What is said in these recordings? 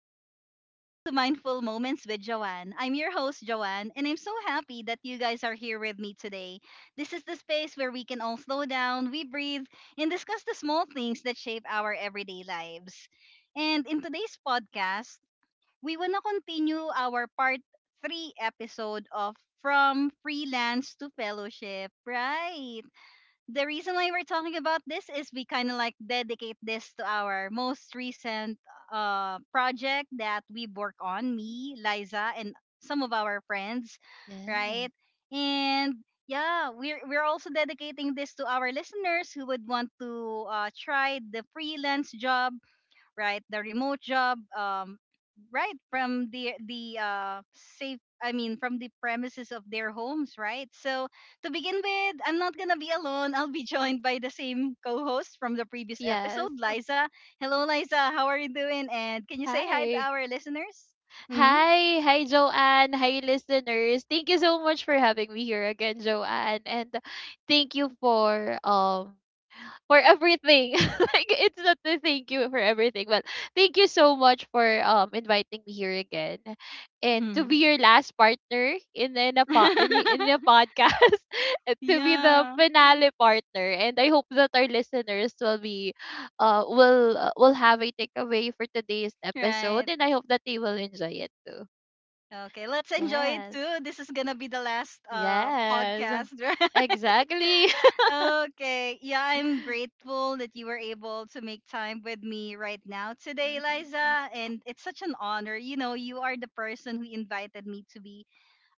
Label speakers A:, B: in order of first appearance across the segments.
A: everyone, and welcome to Mindful Moments with Joanne. I'm your host, Joanne, and I'm so happy that you guys are here with me today. This is the space where we can all slow down, we breathe, and discuss the small things that shape our everyday lives. And in today's podcast, we want to continue our part three episode of From Freelance to Fellowship, right? The reason why we're talking about this is we kind of like dedicate this to our most recent project that we work on, me, Liza, and some of our friends,
B: Yes.
A: right? And yeah, we're also dedicating this to our listeners who would want to try the freelance job, right? The remote job, right from the safe. I mean, from the premises of their homes, right? So to begin with, I'm not gonna be alone. I'll be joined by the same co-host from the previous
B: Yes.
A: episode, Liza. Hello, Liza. How are you doing? And can you say hi to
B: Hi.
A: our listeners?
B: Hi. Hi, Joanne. Hi, listeners. Thank you so much for having me here again, Joanne. And thank you for everything. Like it's not a thank you for everything, but thank you so much for inviting me here again, and to be
A: Mm-hmm.
B: your last partner in a po- in he- in a podcast, and to be the
A: Yeah.
B: finale partner. And I hope that our listeners will be, will have a takeaway for today's
A: Right.
B: episode, and I hope that they will enjoy it too.
A: Okay, let's enjoy it
B: Yes.
A: too. This is gonna be the last
B: Yes.
A: podcast, right?
B: Exactly.
A: Okay. Yeah, I'm grateful that you were able to make time with me right now today,
B: hmm
A: Liza. And it's such an honor. You know, you are the person who invited me to be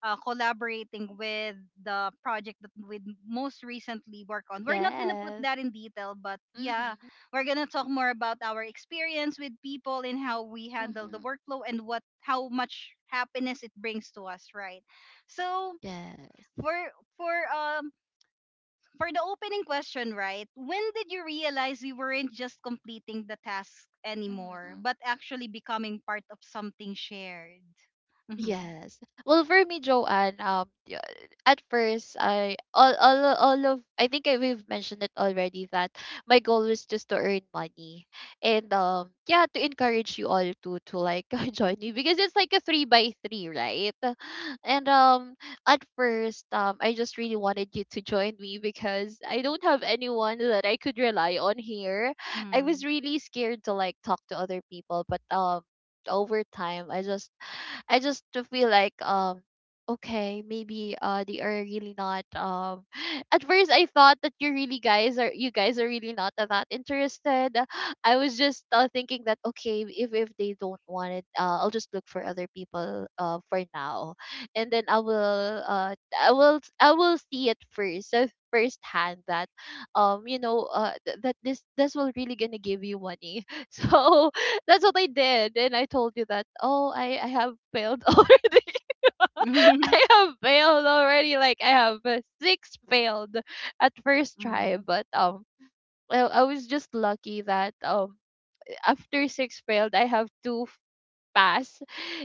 A: collaborating with the project that we most recently work on. We're not going to put
B: Yes.
A: that in detail, but yeah,
B: Mm-hmm.
A: we're going to talk more about our experience with people and how we handle the
B: Mm-hmm.
A: workflow and what how much happiness it brings to us, right? So,
B: Yes.
A: for for um for the opening question, right? When did you realize you weren't just completing the task anymore,
B: Mm.
A: but actually becoming part of something shared? Mm-hmm.
B: Yes. Well, for me, Joanne, at first, I all of I think I, we've mentioned it already that my goal was just to earn money and yeah, to encourage you all to like join me because it's like a three by three, right? And at first, I just really wanted you to join me because I don't have anyone that I could rely on here. I
A: Mm-hmm.
B: was really scared to like talk to other people, but over time I just to feel like okay, maybe they are really not at first I thought that you guys are really not that interested. I was just thinking that okay, if they don't want it, I'll just look for other people for now, and then I will see it first, firsthand that you know, that this will really gonna give you money. So that's what I did. And I told you that, oh, I have failed already. I have failed already. Like, I have six failed at first try.
A: Mm-hmm.
B: But, I was just lucky that, after six failed, I have pass.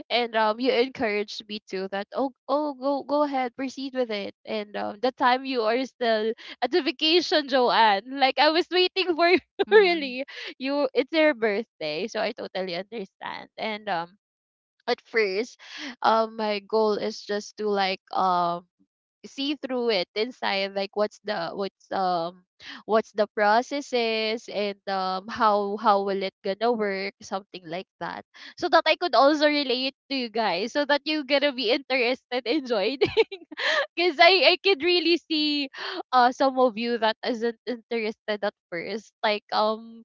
B: And, you encouraged me to that, oh, oh, go ahead, proceed with it. And, the time you are still at the vacation, Joanne. Like, I was waiting for you, really. You, it's your birthday, so I totally understand. And at first, my goal is just to like see through it inside, like what's the processes and how will it gonna work, something like that, so that I could also relate to you guys, so that you gonna be interested in joining. Because I could really see, some of you that isn't interested at first, like um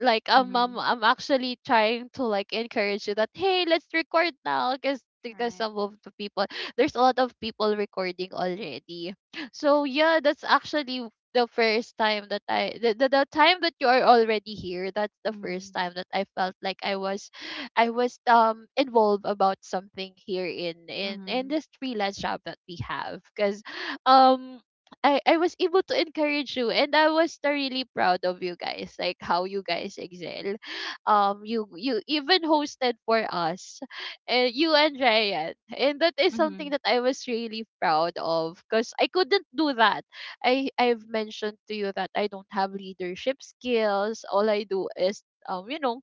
B: like um,
A: Mm-hmm.
B: I'm actually trying to like encourage you that, hey, let's record now, because
A: Right.
B: some of the people, there's a lot of people recording already. So yeah, that's actually the first time that the time that you are already here, that's the
A: Mm-hmm.
B: first time that I felt like I was involved about something here in
A: Mm-hmm.
B: this freelance job that we have. Because, um I was able to encourage you, and I was the really proud of you guys, like how you guys excel. You even hosted for us, and you and Ryan, and that is something
A: Mm-hmm.
B: that I was really proud of because I couldn't do that. I've mentioned to you that I don't have leadership skills. All I do is, you know,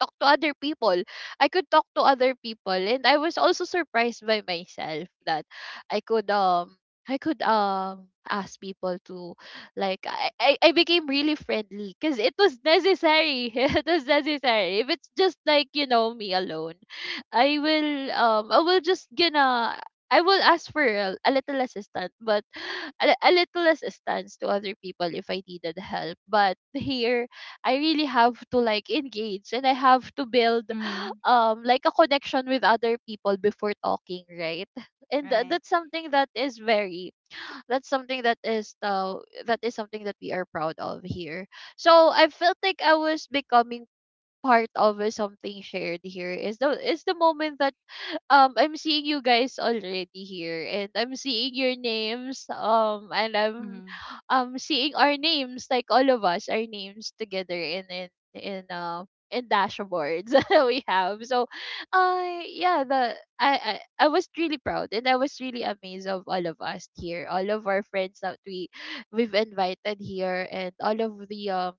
B: talk to other people. I could talk to other people, and I was also surprised by myself that I could um I could ask people to, I became really friendly because it was necessary. It was necessary. If it's just like, you know, me alone, I will just gonna I will ask for a little assistance, but a little assistance to other people if I needed help. But here, I really have to like engage, and I have to build
A: Mm-hmm.
B: like a connection with other people before talking, right? And
A: Right.
B: that's something that is very, that's something that is, that is something that we are proud of here. So I felt like I was becoming part of, something shared here, is the moment that I'm seeing you guys already here, and I'm seeing your names, and I'm,
A: Mm-hmm.
B: seeing our names, like all of us, our names together in dashboards that we have. So, yeah, the I was really proud, and I was really amazed of all of us here, all of our friends that we've invited here, and all of the,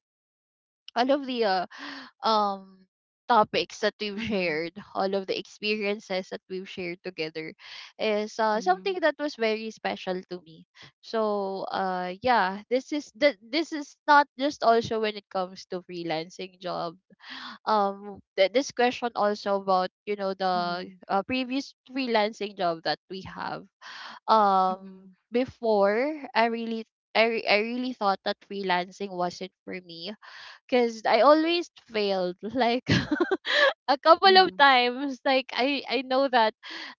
B: all of the, um topics that we've
A: Mm-hmm.
B: shared, all of the experiences that we've shared together is,
A: Mm-hmm.
B: something that was very special to me. So, yeah, this is the, this is not just also when it comes to freelancing job. This question also about, you know,
A: Mm-hmm.
B: the,
A: Mm-hmm.
B: previous freelancing job that we have.
A: Mm-hmm.
B: Um before I really, I really thought that freelancing wasn't for me because I always failed. Like, a couple of times. Like, I know that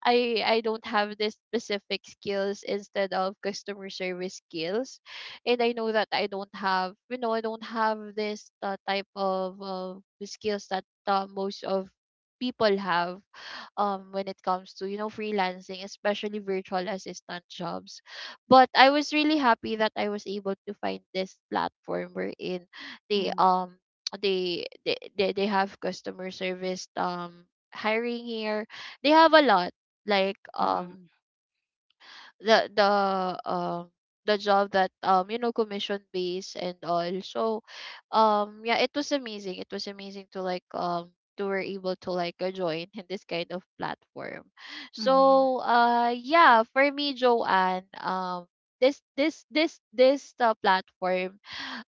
B: I don't have this specific skills instead of customer service skills. And I know that I don't have, you know, I don't have this, type of, skills that, most of people have, when it comes to, you know, freelancing, especially virtual assistant jobs. But I was really happy that I was able to find this platform wherein they,
A: Mm-hmm.
B: they have customer service, hiring here. They have a lot, like
A: Mm-hmm.
B: um
A: Mm-hmm.
B: the um job that, you know, commission based and all. So, yeah, it was amazing. It was amazing to like, to were able to like, join in this kind of platform. So, yeah, for me, Joanne, this, platform,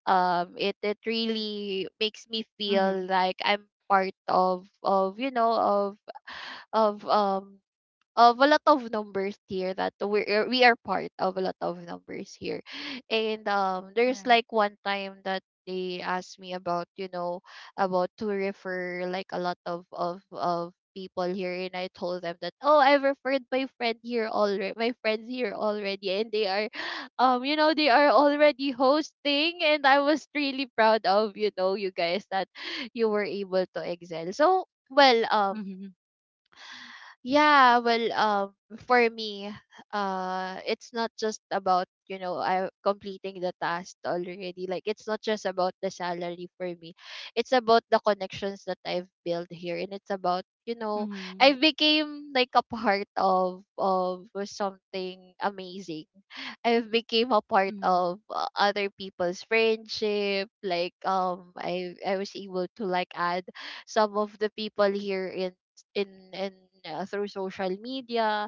B: it really makes me feel
A: Mm-hmm.
B: like I'm part of, you know, of, of a lot of numbers here, that we are part of a lot of numbers here. And there's
A: Right.
B: like one time that they asked me about, you know, about to refer like a lot of people here. And I told them that, oh, I referred my friend here already, my friends here already, and they are, you know, they are already hosting. And I was really proud of, you know, you guys that you were able to excel so well.
A: Mm-hmm.
B: Yeah, well, for me, it's not just about, you know, I completing the task already. Like, it's not just about the salary for me. It's about the connections that I've built here. And it's about, you know,
A: Mm-hmm.
B: I became like a part of, something amazing. I've became a part
A: Mm-hmm.
B: of, other people's friendship. Like, I was able to like add some of the people here in through social media.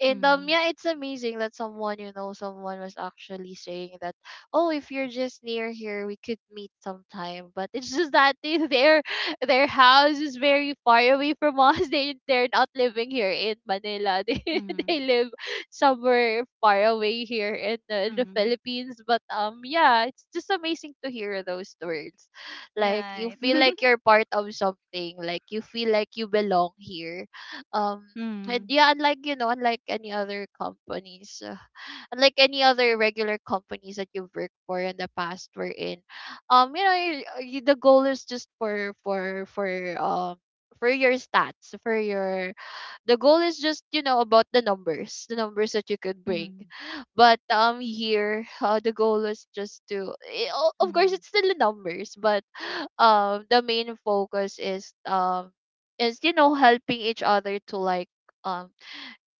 B: And
A: Mm-hmm.
B: yeah, it's amazing that, someone you know someone was actually saying that, oh, if you're just near here, we could meet sometime. But it's just that their house is very far away from us. They they're not living here in Manila. They live somewhere far away here in the
A: Mm-hmm.
B: Philippines. But, yeah, it's just amazing to hear those words. Like, you
A: Right.
B: feel like you're part of something. Like, you feel like you belong here. Um, and
A: Mm.
B: yeah, unlike, you know, unlike any other companies, unlike any other regular companies that you've worked for in the past, we're in. You know, the goal is just for, um for your stats, for your, the goal is just, you know, about the numbers, the numbers that you could bring.
A: Mhm.
B: But here, the goal is just to, of course,
A: Mhm.
B: it's still the numbers, but the main focus is, is, you know, helping each other to like, um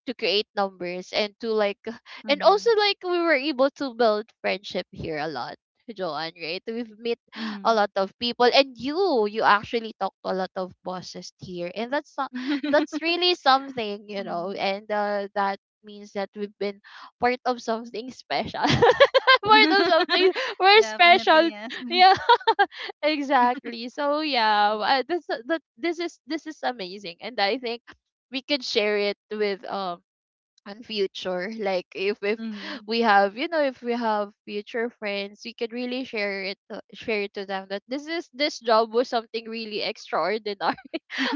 B: to create numbers, and to like, and also,
A: Mhm.
B: like, we were able to build friendship here a lot, Joanne, right? We've met a lot
A: Mhm.
B: of people, and you actually talk to a lot of bosses here. And that's that's really something, you know.
A: Mm.
B: And that means that we've been part of something special. Part of something we're
A: Definitely,
B: special.
A: yes.
B: Yeah, exactly. So yeah, this is amazing, and I think we could share it with and future like if
A: Mhm.
B: we have you know if we have future friends. We can really share it to them, that this job was something really extraordinary.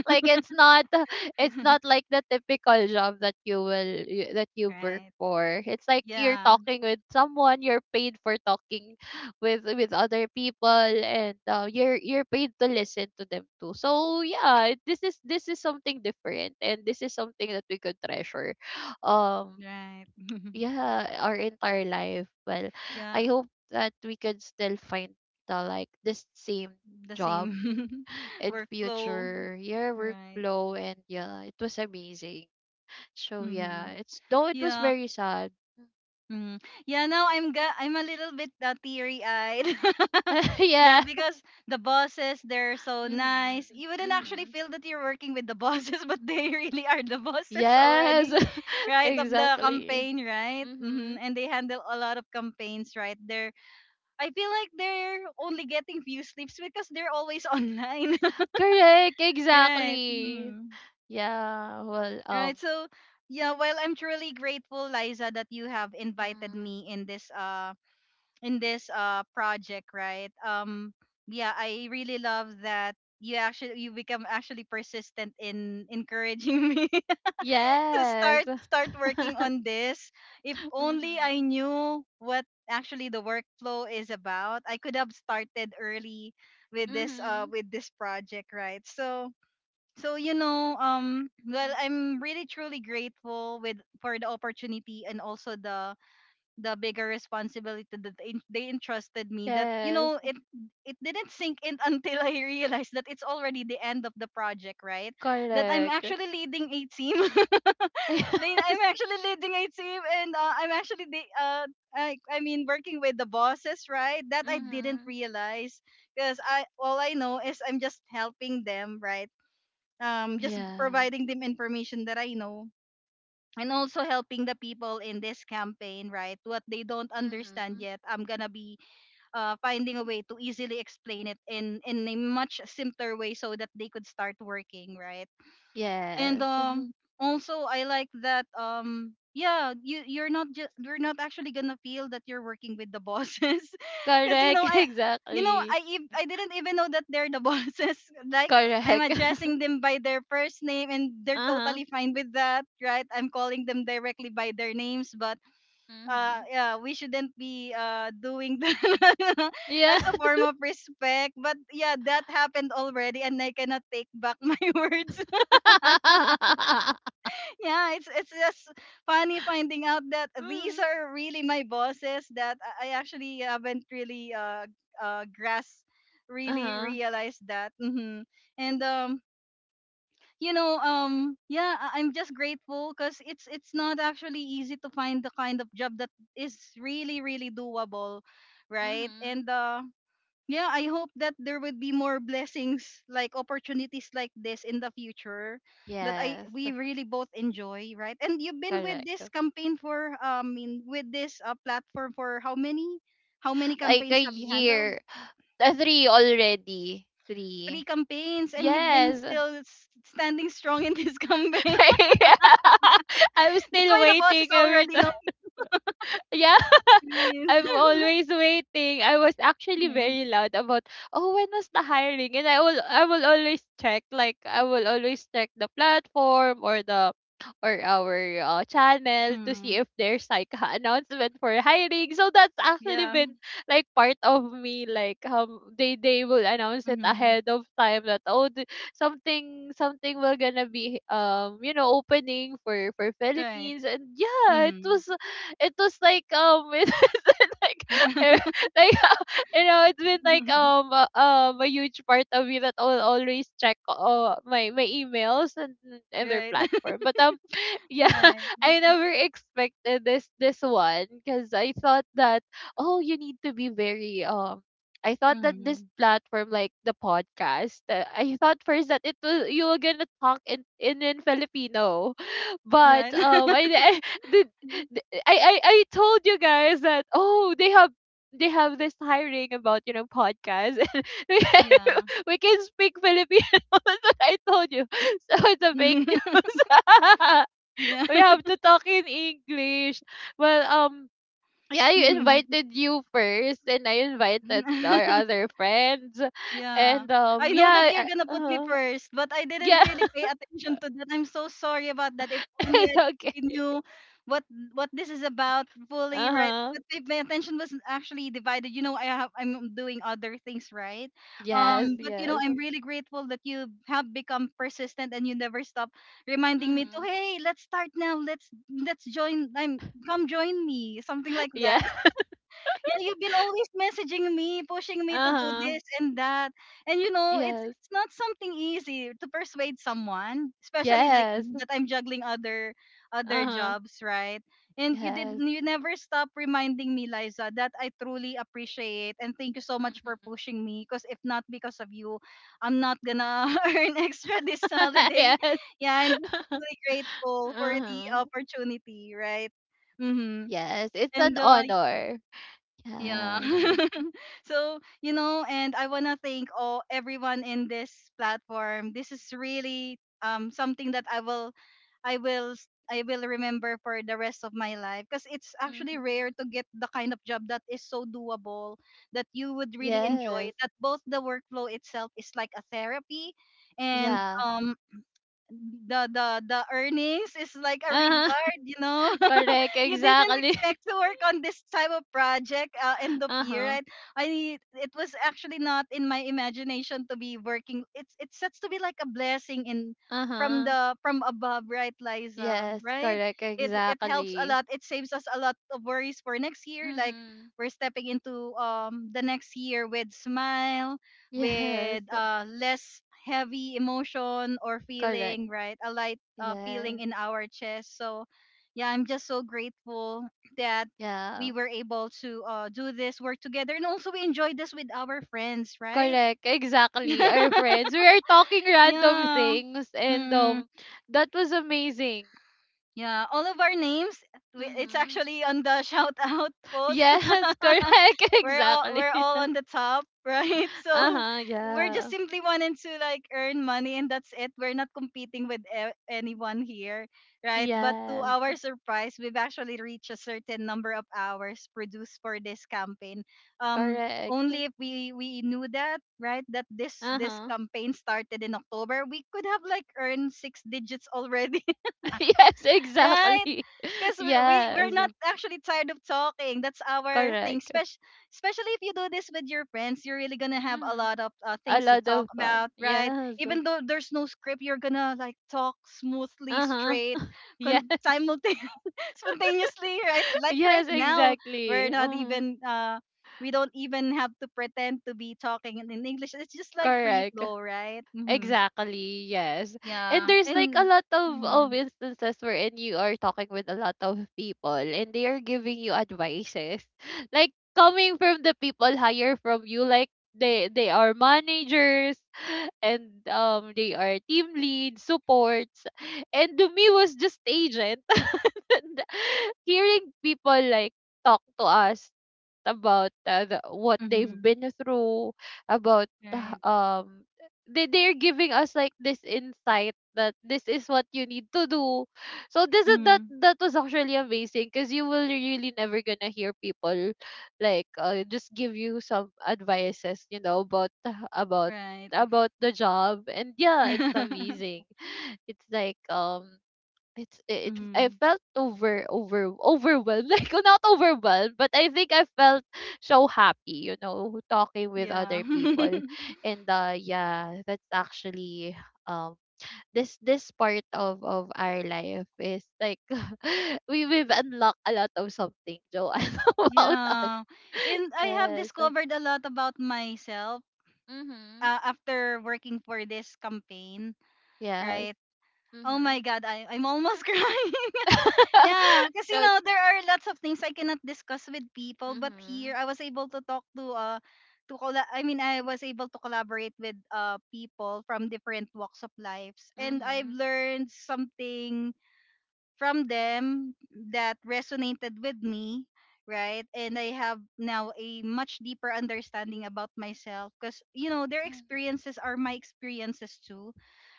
B: Like it's not it's not like the typical job that that you work
A: Right.
B: for. It's like you're
A: Yeah.
B: talking with someone, you're paid for talking with other people, and you're paid to listen to them too. So yeah, this is something different, and this is something that we could treasure um
A: Right.
B: yeah our entire life. Well,
A: Yeah.
B: I hope that we could still find the like this same
A: The
B: job.
A: same
B: And
A: workflow.
B: future, your
A: Right.
B: workflow, and yeah, it was amazing. So
A: Mm-hmm.
B: yeah, it's though it was
A: Yeah.
B: very sad.
A: Mm. Yeah, now I'm a little bit teary-eyed. Yeah,
B: Yeah.
A: because the bosses, they're so nice.
B: Mhm.
A: You wouldn't actually
B: Mhm.
A: feel that you're working with the bosses, but they really are the bosses
B: Yes.
A: already, right? Of the
B: exactly.
A: campaign, right? Hmm.
B: Mhm.
A: And they handle a lot of campaigns, right? They're I feel like they're only getting few sleeps because they're always online,
B: Correct.
A: right?
B: Exactly.
A: Mm.
B: Yeah. Well.
A: Right. So yeah, well, I'm truly grateful, Liza, that you have invited
B: Mhm.
A: me in this in this project, right? Um, yeah, I really love that you become actually persistent in encouraging me to
B: Yes.
A: start working on this. If only I
B: Mhm.
A: knew what actually the workflow is about, I could have started early
B: Mhm.
A: with this project, right? So so, you know, well,
B: Mhm.
A: I'm really truly grateful with for the opportunity and also the bigger responsibility that they entrusted me, that, you
B: Yes.
A: know, it didn't sink in until I realized that it's already the end of the project, right? That I'm
B: Correct.
A: actually leading a team.
B: Yes.
A: I'm actually leading a team and I'm actually the I mean working with the bosses, right? That I didn't
B: Mhm.
A: realize because I all I know is I'm just helping them, right? Just
B: Yeah.
A: providing them information that I know, and also helping the people in this campaign, right? What they don't understand
B: Mhm.
A: yet, I'm gonna be finding a way to easily explain it in a much simpler way so that they could start working, right? And
B: Yes.
A: also I like that, yeah, you're not actually gonna feel that you're working with the bosses because, you know,
B: Correct,
A: i you know
B: exactly.
A: i ev- i didn't even know that they're the bosses, like, I'm
B: Correct.
A: addressing them by their first name and they're
B: Uh-huh.
A: totally fine with that, right? I'm calling them directly by their names, but
B: Mm-hmm.
A: yeah, we shouldn't be doing that
B: Yeah.
A: as a form of respect, but yeah, that happened already and I cannot take back my words. Yeah, it's just funny finding out that these
B: Mm-hmm.
A: are really my bosses that I actually haven't really grasped, really
B: Uh-huh.
A: realized that. Hmm. And you know, yeah, I'm just grateful, cuz it's not actually easy to find the kind of job that is really really doable, right?
B: Mm-hmm.
A: And yeah, I hope that there would be more blessings, like opportunities like this in the future, that I
B: Yes,
A: we really both enjoy, right? And you've been with this
B: correct.
A: campaign for in with this platform for how many
B: Like a
A: campaigns have you handled?
B: year. Three already.
A: Three
B: Three.
A: campaigns and you've been
B: Yes.
A: still standing strong in this campaign.
B: I'm
A: That's
B: still
A: why the bosses
B: waiting every
A: already
B: time.
A: know
B: Yeah.
A: you.
B: I'm always waiting. I was actually
A: Yeah.
B: very loud about, oh, when was the hiring? And I will always check. Like I will always check the platform or the or our channel to
A: Mm.
B: see if there's like a announcement for hiring. So that's actually
A: Yeah.
B: been like part of me. They will announce it
A: Mhm.
B: ahead of time that, oh, something something will gonna be you know opening for
A: Right.
B: Philippines. And yeah, it
A: Mhm.
B: was it was like like eh, like you know, it's been like a huge part of me that will always check my my emails and their
A: Right.
B: platform. But yeah
A: Right.
B: I never expected this one, because I thought that, oh, you need to be very I thought that this
A: Mhm.
B: platform, like the podcast, I thought first that it was you were gonna talk in Filipino. But
A: Right?
B: I did. I, I told you guys that, oh, they have this hiring about you know podcast and we can,
A: Yeah.
B: we can speak Filipino. That's what I told you. So it's a fake news.
A: Yeah.
B: We have to talk in English. Well, yeah, I
A: Mhm.
B: invited you first, and I invited our other friends,
A: Yeah.
B: and
A: I know that you're gonna put me first, but I didn't
B: yeah,
A: really pay attention to that. I'm so sorry about that. If only
B: it's okay.
A: I knew what what this is about fully,
B: Uh
A: right?
B: huh.
A: But if my attention was actually divided, you know, I'm doing other things, right?
B: Yes,
A: But you know,
B: yes.
A: I'm really grateful that you have become persistent and you never stop reminding me to,
B: Mm-hmm.
A: hey, let's start now. Let's join. I'm come join me, something like
B: Yeah.
A: that. Yeah, you've been always messaging me, pushing
B: Uh
A: me to do
B: huh.
A: this and that. And you know,
B: Yes.
A: it's not something easy to persuade someone, especially like
B: Yes.
A: me, that I'm juggling other
B: Uh-huh.
A: jobs, right? And
B: Yes.
A: you never stop reminding me, Liza, that I truly appreciate, and thank you so much for
B: Mm-hmm.
A: pushing me, because if not because of you, I'm not gonna earn extra this holiday.
B: Yes.
A: Yeah, and just really grateful for the
B: Uh-huh.
A: opportunity, right? Mm-hmm.
B: Yes, it's an
A: And
B: honor.
A: yeah.
B: Yes.
A: So, you know, and I want to thank all everyone in this platform. This is really something that I will remember for the rest of my life, because it's actually
B: Mm-hmm.
A: rare to get the kind of job that is so doable, that you would really enjoy,
B: Yes.
A: that both the workflow itself is like a therapy, and
B: Yeah.
A: the earnings is like a
B: Uh-huh.
A: reward, you know.
B: Correct.
A: You didn't
B: Exactly.
A: expect to work on this type of project end of year,
B: Uh-huh.
A: right? I it was actually not in my imagination to be working. It's such to be like a blessing in from
B: Uh-huh.
A: the from above, right, Liza?
B: Yes.
A: Right?
B: Correct.
A: It helps a
B: Exactly.
A: lot. It saves us a lot of worries for next year. Like,
B: Mm-hmm.
A: we're stepping into the next year with smile,
B: Yes.
A: with less heavy emotion or
B: Correct.
A: feeling, right? A light feeling
B: Yes.
A: in our chest. So yeah, I'm just so grateful that
B: Yeah.
A: we were able to do this work together, and also we enjoyed this with our friends, right?
B: Correct. Exactly. Our friends. We are talking random
A: Yeah.
B: things and
A: Mm-mm.
B: that was amazing.
A: Yeah, all of our names, it's
B: Mhm.
A: actually on the shout out post.
B: Yes, correct.
A: We're all
B: Exactly.
A: on the top, right? So
B: Uh-huh,
A: we're
B: yeah.
A: just simply wanting to like earn money, and that's it. We're not competing with anyone here, right? But to our
B: Yes,
A: surprise, we've actually reached a certain number of hours produced for this campaign. Um,
B: correct.
A: only if we we knew that, right? That this
B: Uh-huh.
A: campaign started in October, we could have like earned six digits already.
B: Yes,
A: Right?
B: exactly.
A: Because we're
B: Yes,
A: not actually tired of talking. That's our thing.
B: correct.
A: Especially if you do this with your friends, you're really gonna have a
B: Mm-hmm.
A: lot of
B: A
A: things to
B: lot
A: talk
B: of fun.
A: about, right?
B: Yes.
A: Even though there's no script, you're gonna like talk smoothly,
B: Uh-huh.
A: straight,
B: Yes.
A: simultaneously, spontaneously, right? Like
B: Yes,
A: right now, we're
B: exactly.
A: not
B: Mm-hmm.
A: even uh we don't even have to pretend to be talking in English. It's just like free
B: Correct.
A: flow, right? Mm-hmm.
B: Exactly, yes. And
A: Yeah.
B: there's like a
A: And.
B: lot of
A: Mm-hmm.
B: instances wherein you are talking with a lot of people and they are giving you advices. Like coming from the people higher from you, like they are managers and they are team lead, supports. And to me was just agent. And hearing people like talk to us about the, what they've
A: Mm-hmm.
B: been through, about
A: Right.
B: they're giving us like this insight that this is what you need to do. So this is that
A: Mm-hmm.
B: that was actually amazing, because you will really never gonna hear people like just give you some advices, you know, about about
A: Right.
B: about the job. And yeah, it's amazing. It's like I
A: Hmm.
B: felt overwhelmed. Like well, not overwhelmed, but I think I felt so happy, you know, talking with
A: Yeah.
B: other people. And yeah, that's actually um this part of our life is like we've unlocked a lot of something, Joanne, about us.
A: Yeah. And I have
B: Yes.
A: discovered a lot about myself
B: Mm-hmm.
A: after working for this campaign,
B: Yes.
A: right? Oh
B: Mm-hmm.
A: my God, I'm almost crying. Yeah, because you
B: So,
A: know, there are lots of things I cannot discuss with people, but
B: Mm-hmm.
A: here I was able to talk to colla- I mean I was able to collaborate with people from different walks of lives, and I've
B: Mm-hmm.
A: learned something from them that resonated with me, right? And I have now a much deeper understanding about myself because, you know, their
B: Mm-hmm.
A: experiences are my experiences too,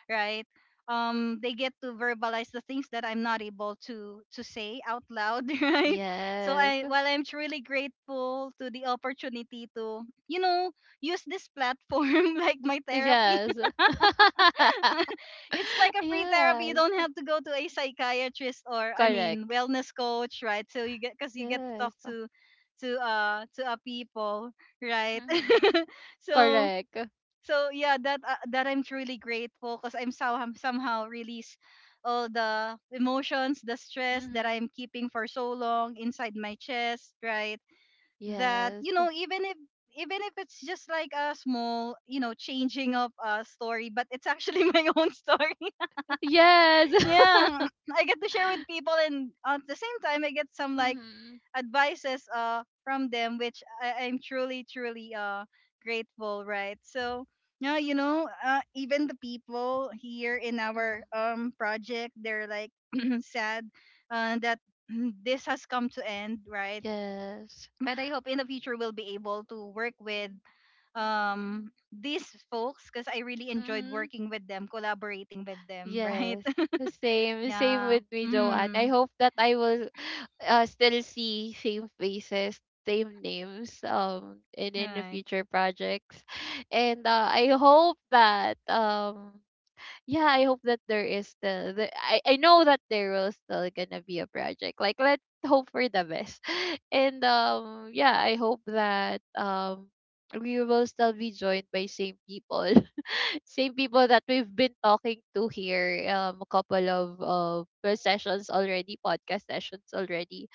A: right? They get to verbalize the things that I'm not able to say out loud, right? So
B: Yes.
A: I while I'm truly grateful to the opportunity to, you know, use this platform like my therapy.
B: Yes.
A: It's like a free therapy. You
B: Yes,
A: don't
B: Oh,
A: have to go to a psychiatrist or I
B: correct.
A: mean wellness coach, right? So you get because you get to talk
B: Yes.
A: to a people, right?
B: Mhm.
A: so
B: Correct.
A: so yeah, that I'm truly grateful because I'm somehow release all the emotions, the stress that
B: Mhm.
A: I'm keeping for so long inside my chest, right? That
B: Yes.
A: you know even if it's just like a small, changing of a story, but it's actually my own story,
B: Yes.
A: yeah. I get to share with people, and at the same time I get some like
B: Mhm.
A: advices from them, which I'm truly grateful, right? So yeah, you know, even the people here in our
B: Mhm.
A: project, they're like sad, that this has come to end, right?
B: Yes.
A: But I hope in the future we'll be able to work with these folks, because I really enjoyed
B: Mhm.
A: working with them, collaborating with them. Right.
B: Yes. The same, same
A: Yeah.
B: with me, Joanne. I
A: Mm.
B: hope that I will still see same faces, same names, in the
A: Right.
B: future projects, and I hope that yeah, I hope that there is still the I know that there will still gonna be a project. Like, let's hope for the best. And yeah, I hope that we will still be joined by same people. Same people that we've been talking to here a couple of sessions already, podcast sessions already.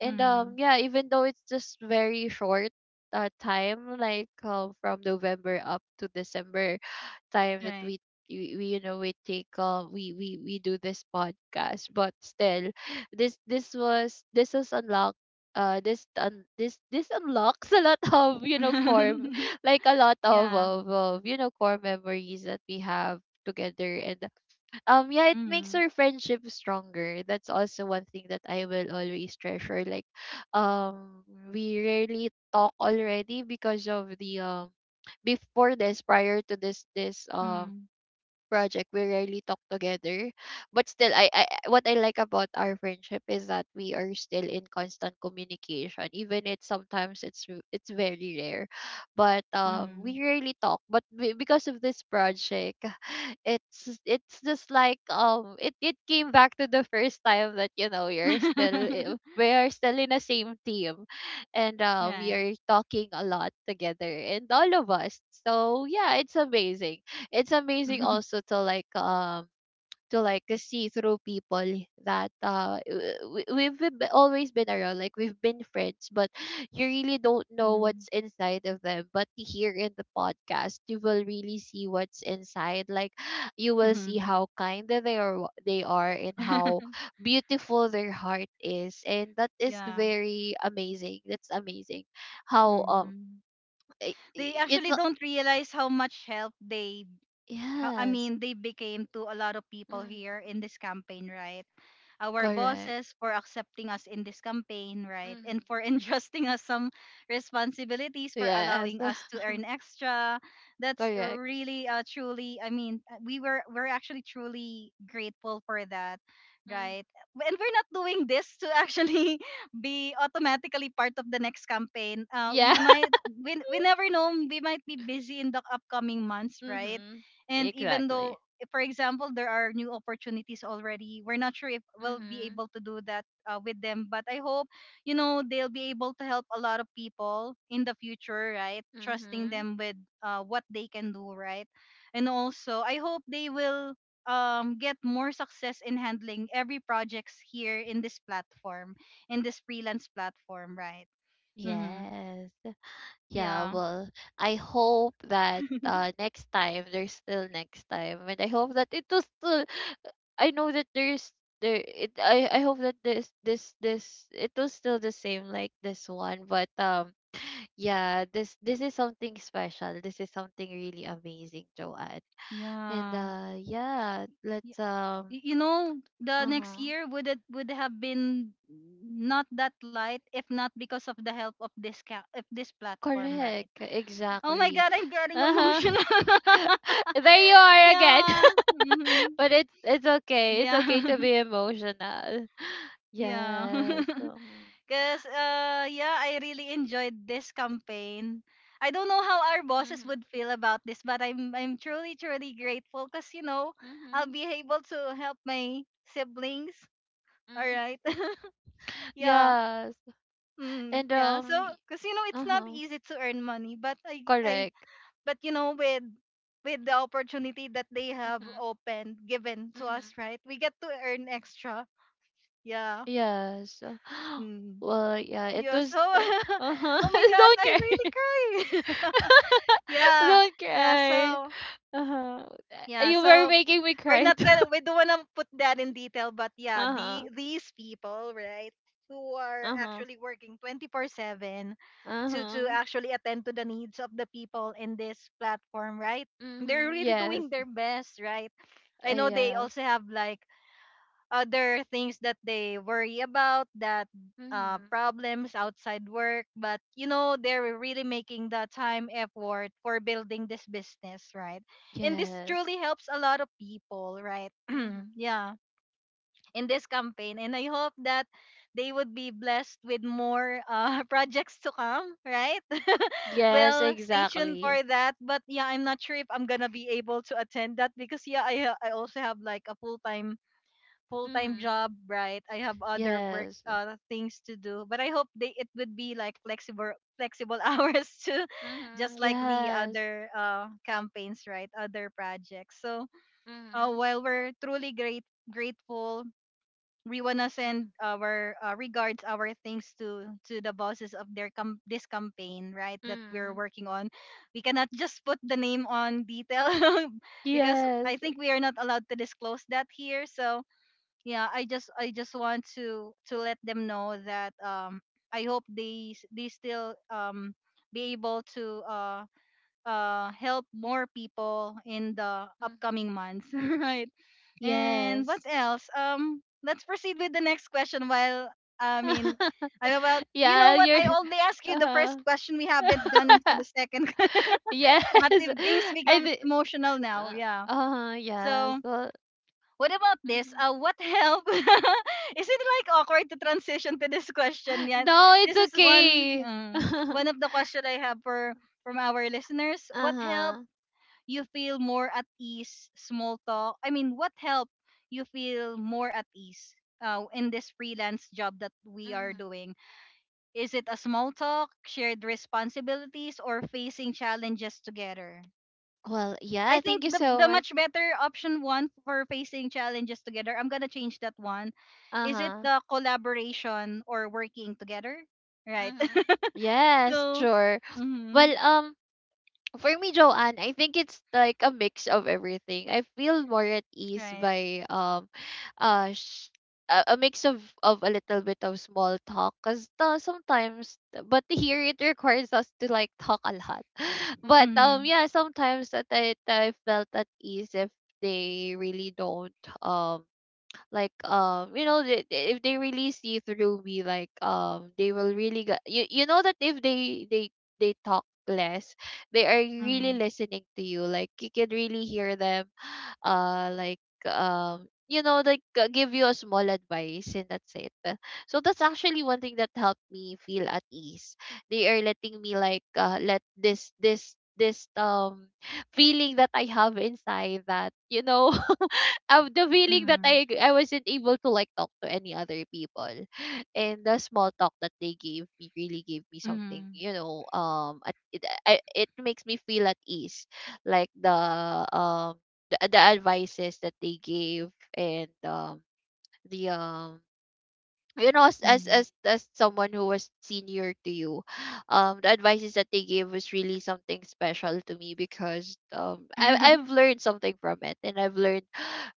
B: And
A: Mm.
B: yeah, even though it's just very short time, like from November up to December time that
A: Right.
B: we you know we do this podcast. But still, this was unlocked. This unlocks a lot of you know like a lot of,
A: Yeah.
B: of of you know core memories that we have together. And yeah, it makes
A: Mm.
B: our friendship stronger. That's also one thing that I will always treasure. Like um we rarely talk already because of the before this prior to this
A: Mm.
B: project, we rarely talk together. But still, I, what I like about our friendship is that we are still in constant communication, even it sometimes it's very rare. But we
A: Mm.
B: rarely talk. But because of this project, it's just like it it came back to the first time that you know you're we are still in the same team, and we
A: Right.
B: are talking a lot together, and all of us. So yeah, it's amazing also to like see through people that always been around. Like we've been friends, but you really don't know
A: Mhm.
B: what's inside of them. But here in the podcast, you will really see what's inside. Like you will see
A: Mhm.
B: how kind that they are they are, and how beautiful their heart is. And that is
A: Yeah.
B: very amazing. That's amazing. How
A: Hmm. They
B: I- it's
A: actually
B: a-
A: don't realize how much help they how I
B: Yes.
A: mean they became to a lot of people
B: Hmm.
A: here in this campaign, right? Our
B: Correct.
A: bosses for accepting us in this campaign, right?
B: Mhm.
A: And for entrusting us some responsibilities, for
B: Yes,
A: allowing us to earn extra. That's
B: correct.
A: really truly I mean we're actually truly grateful for that,
B: Mhm.
A: right? And we're not doing this to actually be automatically part of the next campaign.
B: Yeah.
A: We might we never know, we might be busy in the upcoming months, right?
B: Mhm.
A: And even though
B: Exactly.
A: if, for example, there are new opportunities already, we're not sure if we'll be
B: Mhm.
A: able to do that with them, but I hope you know they'll be able to help a lot of people in the future, right? Trusting
B: Mhm.
A: them with what they can do, right? And also I hope they will get more success in handling every projects here in this platform, in this freelance platform, right? Mm-hmm.
B: Yes. Yeah,
A: Yeah.
B: well, I hope that next time there's still next time, and I hope that it was still I know that there's there it I hope that this it was still the same like this one. But yeah, this is something special. This is something really amazing, Joanne. And,
A: Yeah.
B: yeah, let's,
A: Yeah. You know the next
B: uh-huh.
A: year would it would have been not that light if not because of the help of this of this platform, right?
B: Correct,
A: Oh my
B: exactly.
A: God, I'm getting
B: Uh-huh.
A: emotional.
B: There you are again.
A: Yeah. Hmm.
B: But it's okay. It's okay
A: Yeah.
B: to be emotional.
A: Yeah.
B: Yes. Mm-hmm.
A: Because yeah, I really enjoyed this campaign. I don't know how our bosses
B: Mm-hmm.
A: would feel about this, but I'm truly grateful, because you know I'll
B: Mm-hmm.
A: be able to help my siblings. All
B: Mm-hmm.
A: right. Yeah.
B: Yes.
A: Mm,
B: And
A: yeah. So,
B: um y-
A: because you know, it's not
B: uh-huh.
A: easy to earn money, but I,
B: Correct.
A: but you know, with the opportunity that they have
B: Mm-hmm.
A: opened, given to
B: Mm-hmm.
A: us, right? We get to earn extra. Yeah.
B: Yes.
A: Mm.
B: Well, yeah, it
A: Yeah. So,
B: was the, uh-huh.
A: oh my God,
B: Don't care.
A: I'm really crying. Yeah.
B: Don't
A: Yeah.
B: cry.
A: So,
B: Uh-huh.
A: yeah.
B: You were
A: So,
B: making me
A: we're
B: cry
A: not
B: too.
A: gonna we don't wanna put that in detail, but yeah, the
B: Uh-huh.
A: these people, right, who are
B: Uh-huh.
A: actually working 24/7 to
B: Uh-huh.
A: actually attend to the needs of the people in this platform, right? They're
B: Mm-hmm.
A: really
B: Yes.
A: doing their best, right? I know
B: I,
A: they
B: uh,
A: also have like other things that they worry about, that
B: mm-hmm.
A: problems outside work, but you know they're really making the time effort for building this business, right? And this
B: Yes.
A: truly helps a lot of people, right?
B: Mm-hmm.
A: Yeah, in this campaign. And I hope that they would be blessed with more projects to come, right?
B: Yes,
A: Well, stay tuned
B: exactly.
A: for that. But yeah, I'm not sure if I'm gonna be able to attend that, because yeah I also have like a full-time
B: Mm-hmm.
A: job, right? I have other work
B: Yes.
A: things to do, but I hope they it would be like flexible hours too, just
B: Mm-hmm.
A: like the
B: Yes.
A: other campaigns, right? Other projects. So
B: Mm-hmm.
A: while we're truly great grateful. We wanna
B: Mm-hmm.
A: send our regards, our thanks to the bosses of their this campaign, right? That we're
B: Mm-hmm.
A: working on. We cannot just put the name on detail. Because I
B: Yes.
A: think we are not allowed to disclose that here. So yeah, I just want to let them know that I hope they they still be able to help more people in the
B: Mm.
A: upcoming months. Right. And what
B: Yes.
A: else? Let's proceed with the next question, while i mean I'm about, you know
B: Yeah,
A: what,
B: you're
A: I only asked you the first
B: uh-huh.
A: question. We haven't gone into the second.
B: Yes.
A: But if things
B: I
A: becomes
B: think.
A: emotional now,
B: Uh,
A: yeah.
B: uh-huh, yes.
A: So
B: Well,
A: what about this?
B: Mm-hmm.
A: What help? Is it like awkward to transition to this question yet?
B: No, it's
A: This is one
B: okay. Uh-huh.
A: one of the question I have for from our listeners. What help
B: Mm-hmm.
A: you feel more at ease? Small talk. I mean, what help you feel more at ease? In this freelance job that we are doing, is it a small talk, shared responsibilities, or facing challenges together?
B: Well, yeah,
A: I
B: thank
A: think
B: you
A: the
B: so much.
A: much better option one for facing challenges together. I'm gonna change that one. Is it
B: Uh-huh.
A: the collaboration or working together? Right.
B: Mm-hmm. Yes,
A: So,
B: sure.
A: mm-hmm,
B: Well, for me, Joanne, I think it's like a mix of everything. I feel more at ease
A: right.
B: by uh, sh- a mix of a little bit of small talk, cause sometimes, but here it requires us to like talk a lot. But
A: Mm-hmm,
B: yeah, sometimes that I felt at ease if they really don't like um you know they, if they really see through me. Like they will really get you, you know, that if they talk less, they are really
A: mm-hmm,
B: listening to you. Like you can really hear them. You know, like give you a small advice, and that's it. So that's actually one thing that helped me feel at ease. They are letting me like let this this this feeling that I have inside, that you know, of the feeling that
A: mm-hmm,
B: I wasn't able to like talk to any other people, and the small talk that they gave me really gave me something.
A: mm-hmm,
B: You know, it makes me feel at ease, like the um the advices that they gave. And the You know,
A: mm-hmm.
B: as someone who was senior to you. The advices that they gave was really something special to me because I've learned something from it, and I've learned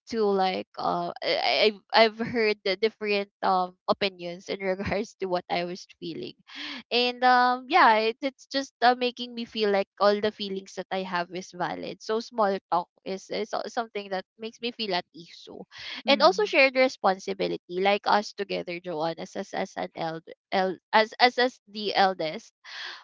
B: to I've heard the different opinions in regards to what I was feeling. And yeah, it's just making me feel like all the feelings that I have is valid. So small talk is something that makes me feel at ease. So, and also
A: Mm-hmm,
B: shared responsibility, like us together, Joanne, as an eld, el as the eldest.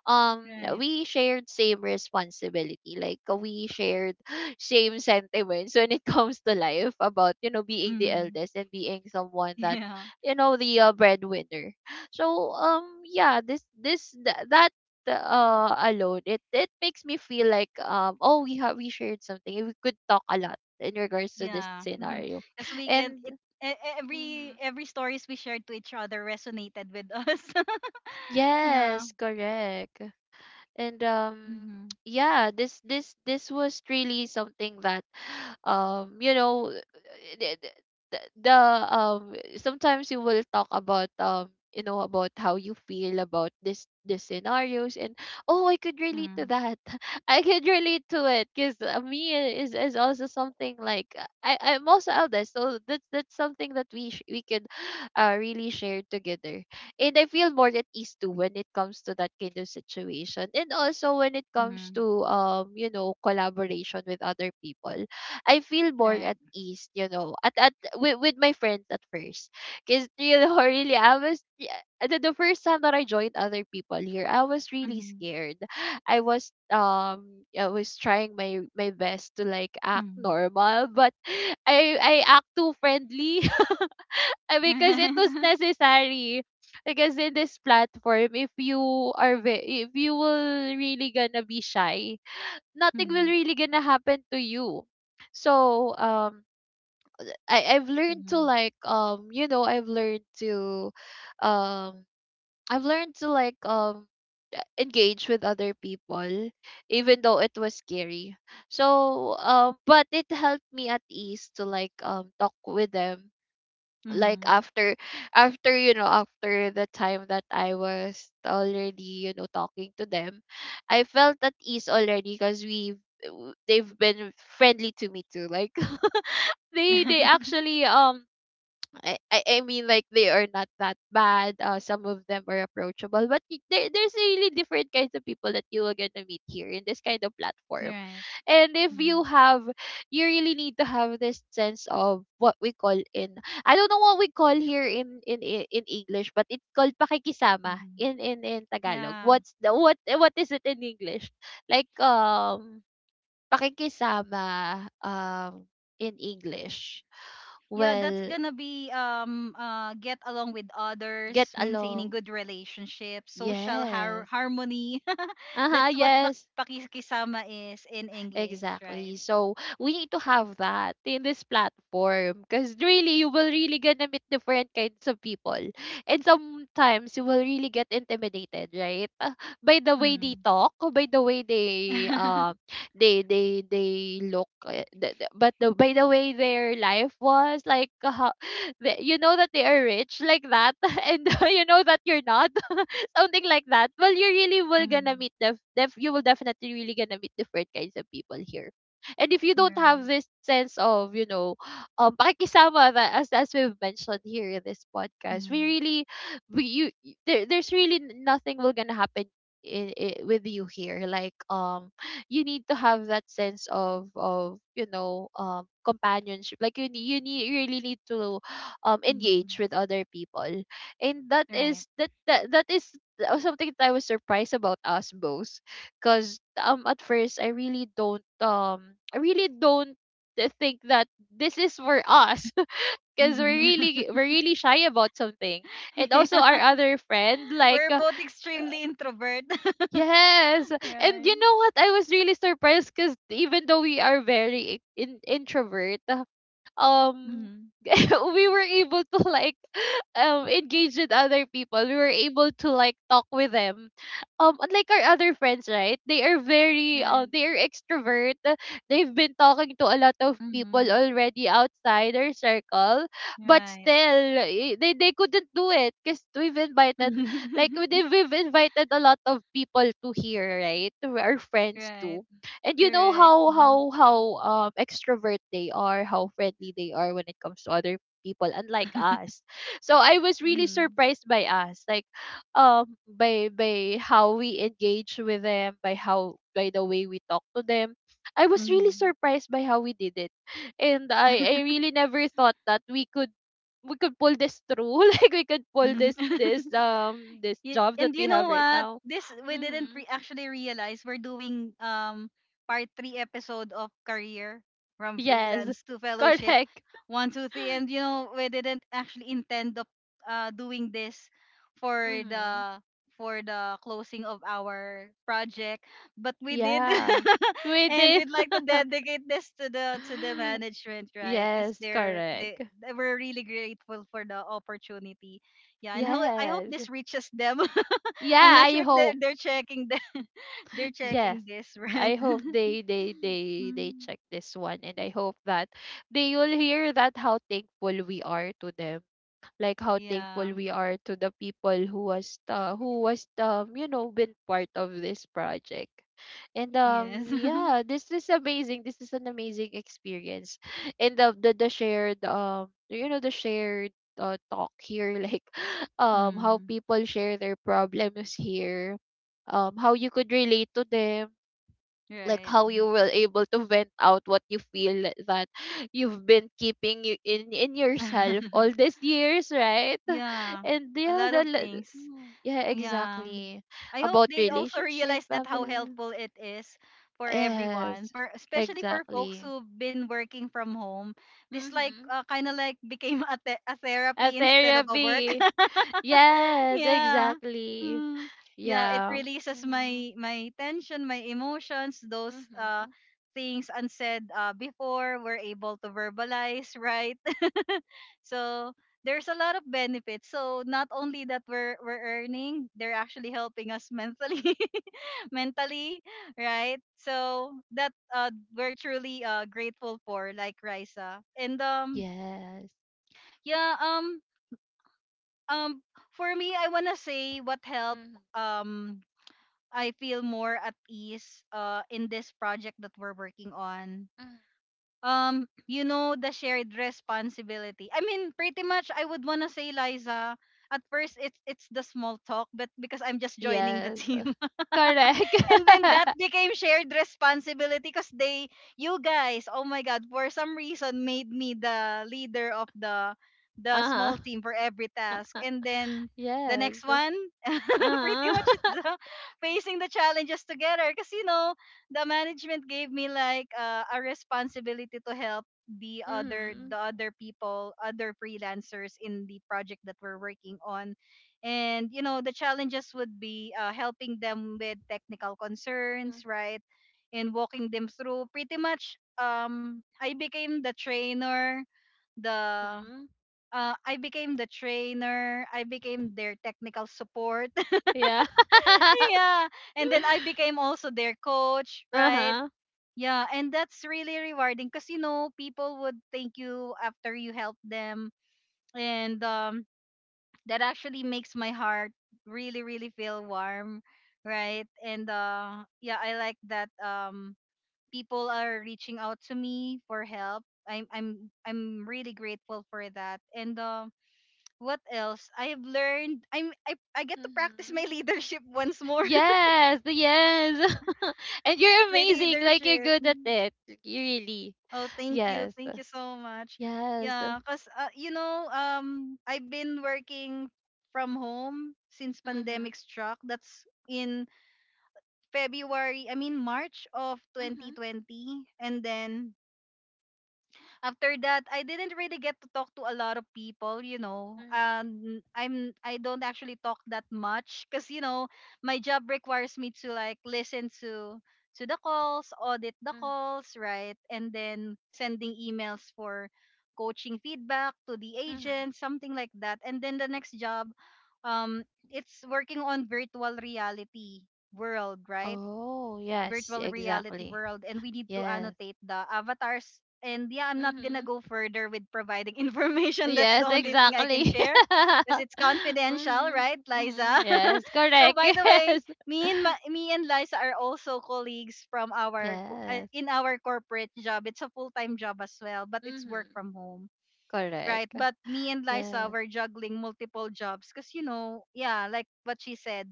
B: um
A: right.
B: we shared same responsibility, like we shared same sentiments when it comes to life about, you know, being the
A: Mm-hmm.
B: eldest and being someone that,
A: Yeah,
B: you know, the breadwinner. So yeah, that alone, it makes me feel like, oh, we shared something, we could talk a lot in regards to this
A: yeah.
B: scenario.
A: Because we can
B: And
A: it every
B: mhm.
A: every stories we shared to each other resonated with us. Yeah.
B: Yes, correct. And
A: Mm-hmm,
B: yeah, this was really something that you know, the, the sometimes you will talk about, you know, about how you feel about this scenarios. And oh, I could relate to
A: mm-hmm,
B: that. I could relate to it because me is also something like, I'm also eldest, so that's something that we we could really share together. And I feel more at ease too when it comes to that kind of situation. And also when it comes
A: mm-hmm,
B: to, you know, collaboration with other people, I feel more
A: right.
B: at ease, you know, at with my friends at first. Cause you know, really I was, yeah, the first time that I joined other people here, I was really
A: Mhm,
B: scared. I was trying my best to like act
A: mhm.
B: normal, but I act too friendly. Because it was necessary. Because in this platform, if you if you will really gonna be shy, nothing will
A: Mhm,
B: really gonna happen to you. So I've learned to
A: mhm,
B: like, you know, um I've learned to like engage with other people, even though it was scary. So but it helped me at ease to like talk with them, like
A: mhm.
B: after, after, you know, after the time that I was already, you know, talking to them, I felt at ease already because we they've been friendly to me too, like they actually I mean, like they are not that bad. Some of them are approachable, but there's really different kinds of people that you are going to meet here in this kind of platform.
A: Right.
B: And if you
A: Mhm,
B: have, you really need to have this sense of what we call in, I don't know what we call here in English, but it's called pakikisama
A: mhm.
B: in Tagalog.
A: Yeah.
B: What's the what is it in English? Like pakikisama, in English.
A: Yeah, that's
B: Well,
A: gonna be get along with
B: get
A: others, maintaining
B: along.
A: good relationships, social
B: Yes.
A: harmony.
B: Uh-huh,
A: That's what
B: yes.
A: pakikisama is in English, right?
B: Exactly. So we need to have that in this platform, because really you will really gonna meet different kinds of people. And sometimes you will really get intimidated, right? By the way they
A: Mm.
B: talk, by the way they they look, the- but the by the way their life was like, how, you know that they are rich like that and you know that you're not. Something like that. Well, you really will gonna
A: Mm.
B: meet the you will definitely really gonna meet different kinds of people here. And if you don't
A: Right.
B: have this sense of, you know, pakikisama, that, as we've mentioned here in this podcast, we
A: Mm.
B: really, there's really nothing will gonna happen in, I with you here, like you need to have that sense of, you know, companionship, like you need, you really need to engage
A: Mm.
B: with other people. And that
A: Right.
B: is, that is, that was something that I was surprised about us both, because at first I really don't, I really don't think that this is for us. Because we're
A: Mhm.
B: really, we're really shy about something. And also our
A: Yeah.
B: other friend, like
A: We're both extremely introvert.
B: yes. And
A: Right.
B: you know what, I was really surprised, because even though we are very introvert, um
A: Mhm.
B: we were able to like engage with other people, we were able to like talk with them. Unlike our other friends, right, they are very
A: Right.
B: they are extrovert. They've been talking to a lot of people
A: Mhm.
B: already outside their circle. But
A: Right.
B: still, eh, they couldn't do it because we've invited, like we've invited a lot of people to here, right, to our friends
A: Right.
B: too. And you know
A: Correct. Mhm.
B: how extrovert they are, how friendly they are when it comes to other people, unlike us. So I was really
A: Mhm.
B: surprised by us, like by how we engage with them, by how, by the way we talk to them. I
A: Mhm.
B: was really
A: Mhm.
B: surprised by how we did it. And I really never thought that we could, we could pull this through like we could pull this this job that
A: And
B: we
A: you know
B: have right
A: what?
B: now.
A: This we didn't
B: Mm-hmm.
A: re- actually realize we're doing part three episode of career, from
B: Yes
A: freelance to fellowship,
B: correct.
A: 1, 2, 3. And you know we didn't actually intend of doing this for
B: Mm-hmm.
A: the for the closing of our project, but we did.
B: Yeah. We
A: And
B: did.
A: we'd like to dedicate this to the management, right, because
B: Yes, correct.
A: we're really grateful for the opportunity. Yeah, and I hope
B: Yes.
A: this reaches them. I'm
B: Yeah,
A: not
B: I
A: sure if they're,
B: hope.
A: they're checking the, they're
B: Yes.
A: checking this, right?
B: I hope they
A: Mm.
B: check this one, and I hope that they will hear that, how thankful we are to them, like how thankful
A: Yeah.
B: we are to the people who was you know, been part of this project. And
A: Yes.
B: yeah, this is amazing, this is an amazing experience. And the shared, you know, the shared talk here. Like how
A: Mm.
B: people share their problems here, how you could relate to them, like
A: Right.
B: how you were able to vent out what you feel that you've been keeping you in yourself all these years, right.
A: Yeah.
B: And
A: A
B: yeah,
A: lot
B: the
A: of things.
B: mm, yeah,
A: Yeah.
B: exactly.
A: I hope
B: About
A: they also
B: relationship,
A: realize that how
B: family.
A: helpful it is for everyone,
B: Yes,
A: for especially for folks
B: exactly.
A: who've been working from home. This like
B: Mm-hmm.
A: kind of like became a, a
B: A
A: therapy instead of a work.
B: therapy. Yes,
A: Yeah.
B: exactly.
A: Mm. Yeah, it
B: Yeah.
A: releases
B: Mm-hmm.
A: my tension, my emotions, those
B: Mm-hmm.
A: things unsaid before we're able to verbalize, right? So there's a lot of benefits. So not only that we're earning, they're actually helping us mentally, mentally, right? So that we're truly grateful for, like Risa. And
B: Yes.
A: yeah, um for me I wanna say what helped
B: Mm-hmm.
A: um I feel more at ease in this project that we're working on.
B: Hmm.
A: You know, the shared responsibility. I mean, pretty much I would wanna say, Liza, at first it's the small talk, but because I'm just joining the
B: Yes.
A: team.
B: Correct.
A: And then that became shared responsibility, because they you guys oh my God for some reason made me the leader of the
B: Uh-huh.
A: small team for every task. And then the
B: Yes.
A: next one, pretty
B: Uh-huh.
A: much it's the facing the challenges together, because you know the management gave me like a responsibility to help
B: Mm-hmm.
A: the other people, other freelancers in the project that we're working on. And you know the challenges would be helping them with technical concerns, right? And walking them through, pretty much I became the trainer, the
B: Mm-hmm.
A: I became the trainer. I became their technical support.
B: Yeah.
A: Yeah. And then I became also their coach, right?
B: Uh-huh.
A: Yeah. And that's really rewarding, because you know people would thank you after you help them. And that actually makes my heart really feel warm, right? And yeah I like that people are reaching out to me for help. I'm really grateful for that. And what else I have learned? I get to practice
B: Mm-hmm.
A: my leadership once more.
B: Yes, yes. And you're
A: My
B: amazing. Like you're
A: leadership.
B: good at it. You really.
A: Oh, thank you.
B: Yes.
A: Thank you so much.
B: Yes.
A: Yeah, cuz you know, I've been working from home since
B: Mm-hmm.
A: pandemic struck. That's in February, I mean March of
B: Mm-hmm.
A: 2020. And then after that, I didn't really get to talk to a lot of people, you know.
B: Mm-hmm.
A: I don't actually talk that much because you know my job requires me to like listen to the calls, audit the calls, right? And then sending emails for coaching feedback to the agent,
B: Mm-hmm.
A: something like that. And then the next job, um it's working on virtual reality world, right?
B: Oh, yes,
A: Virtual reality
B: exactly.
A: world. And we need to
B: Yes.
A: annotate the avatars. And yeah, I'm not gonna
B: Mm-hmm.
A: go further with providing information. That's
B: Yes,
A: the only thing I can
B: exactly.
A: share because it's confidential,
B: Mm-hmm.
A: right, Liza?
B: Mm-hmm. Yes,
A: So,
B: correct.
A: by the way,
B: Yes.
A: me and Liza are also colleagues
B: Yes,
A: in our corporate job. It's a full-time job as well, but it's work
B: mm-hmm.
A: from home, right?
B: Correct.
A: But me and Liza
B: Yes.
A: were juggling multiple jobs because, yeah, like what she said,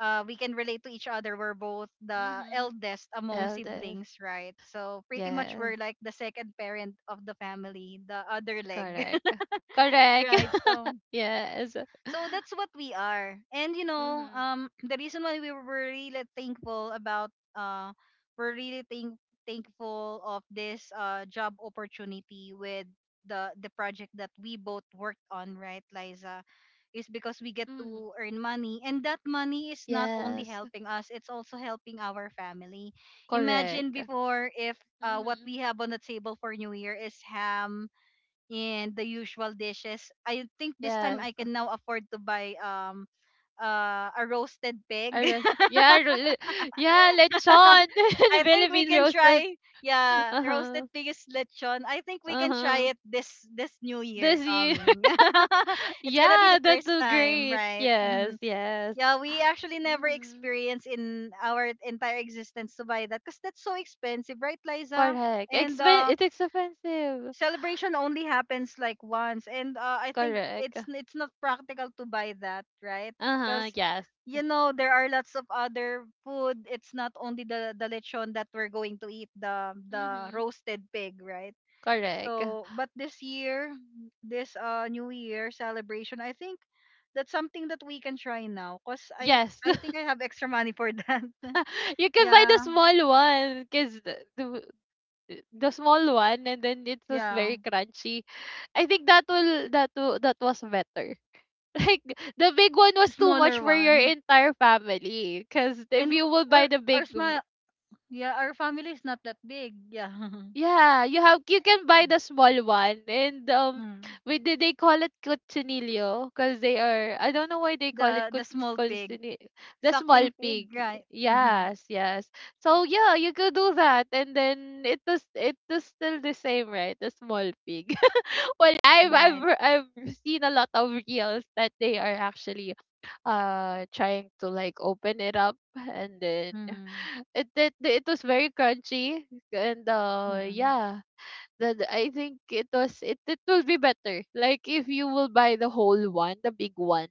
A: we can relate to each other. We're both the
B: Mm-hmm.
A: eldest among
B: Eldest.
A: siblings, right? So pretty much we're
B: Yes,
A: like the second parent of the family, the other leg,
B: correct. Correct.
A: right? So
B: Yes.
A: so that's what we are. And,
B: Mhm.
A: the reason why we were really thankful about we're really thankful of this job opportunity with the project that we both worked on, right, Liza, is because we get
B: Mhm.
A: to earn money, and that money is not only
B: Yes.
A: helping us, it's also helping our family. Imagine
B: Correct.
A: before, if what
B: Mhm.
A: we have on the table for New Year is ham and the usual dishes. I think this time
B: Yes.
A: I can now afford to buy a roasted pig.
B: Arroz. Yeah, yeah, lechon. The
A: I think we
B: Philippines
A: can
B: roasted.
A: try. Yeah,
B: Uh-huh.
A: roasted pig is lechon. I think we can
B: Uh-huh.
A: try it this new year
B: This year.
A: coming. It's gonna be
B: Yeah,
A: the
B: that's
A: first
B: so
A: time,
B: great.
A: right?
B: Yes,
A: Mhm.
B: yes.
A: Yeah, we actually never
B: Mm-hmm.
A: experienced in our entire existence to buy that because that's so expensive, right, Liza?
B: Correct.
A: And,
B: Expen, it's expensive.
A: celebration only happens like once, and, I think
B: Correct.
A: it's not practical to buy that, right?
B: Uh-huh.
A: Because,
B: Yes.
A: there are lots of other food, it's not only the lechon that we're going to eat, the
B: Mm-hmm.
A: roasted pig, right?
B: Correct.
A: So but this year, this new year celebration, I think that's something that we can try now, because i
B: Yes.
A: i think I have extra money for that.
B: You can buy the
A: Yeah,
B: small one, because the small one, and then it was
A: yeah,
B: very crunchy. I think that will, that was better. Like the big one
A: the
B: was too much
A: smaller
B: for your
A: one.
B: entire family, cuz if
A: And
B: you
A: we're,
B: will buy
A: we're
B: the
A: our,
B: big
A: sma yeah, our family is not that big. Yeah.
B: yeah, you can buy the small one. And um,
A: Mm.
B: we did, they call it cochinillo, because they are, I don't know why they call it
A: The small pig,
B: cochinillo, the small
A: suckling pig,
B: pig.
A: right? Mm-hmm.
B: Yes, yes. So yeah, you could do that, and then it was, it was still the same, right? The small pig. Well,
A: Right.
B: I've seen a lot of reels that they are actually trying to like open it up, and then
A: Mm-hmm.
B: it was very crunchy, and
A: Mm-hmm.
B: yeah, that I think it was, it will be better like if you will buy the whole one, the big one,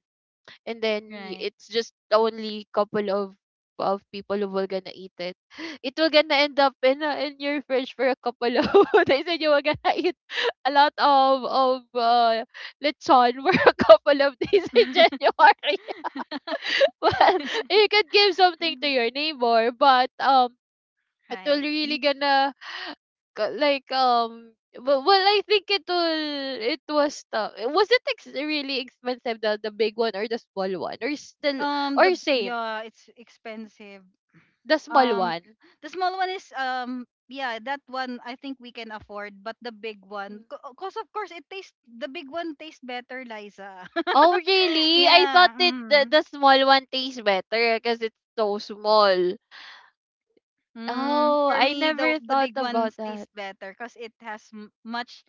B: and then
A: Right.
B: it's just only couple of, people who will gonna eat it. It will gonna end up in, in your fridge for a couple of days, and you will gonna eat a lot of, lechon for a couple of days in January. Well, you could give something to your neighbor, but it will
A: Right.
B: really
A: Mm.
B: gonna, like um, well, well I think it will, it was it really expensive, the big one or the small one, or still,
A: The
B: or same,
A: Yeah, it's expensive.
B: the small
A: Um,
B: one.
A: the small one is, yeah, that one I think we can afford, but the big
B: Mm.
A: one, because of course it tastes the big one tastes better, Liza.
B: Oh really, I thought
A: Yeah.
B: it,
A: Mm-hmm.
B: the small one tastes better because it's so small.
A: Mm,
B: Oh,
A: for
B: I
A: me, the
B: never
A: the
B: thought
A: big
B: about
A: ones
B: that.
A: taste better because it has much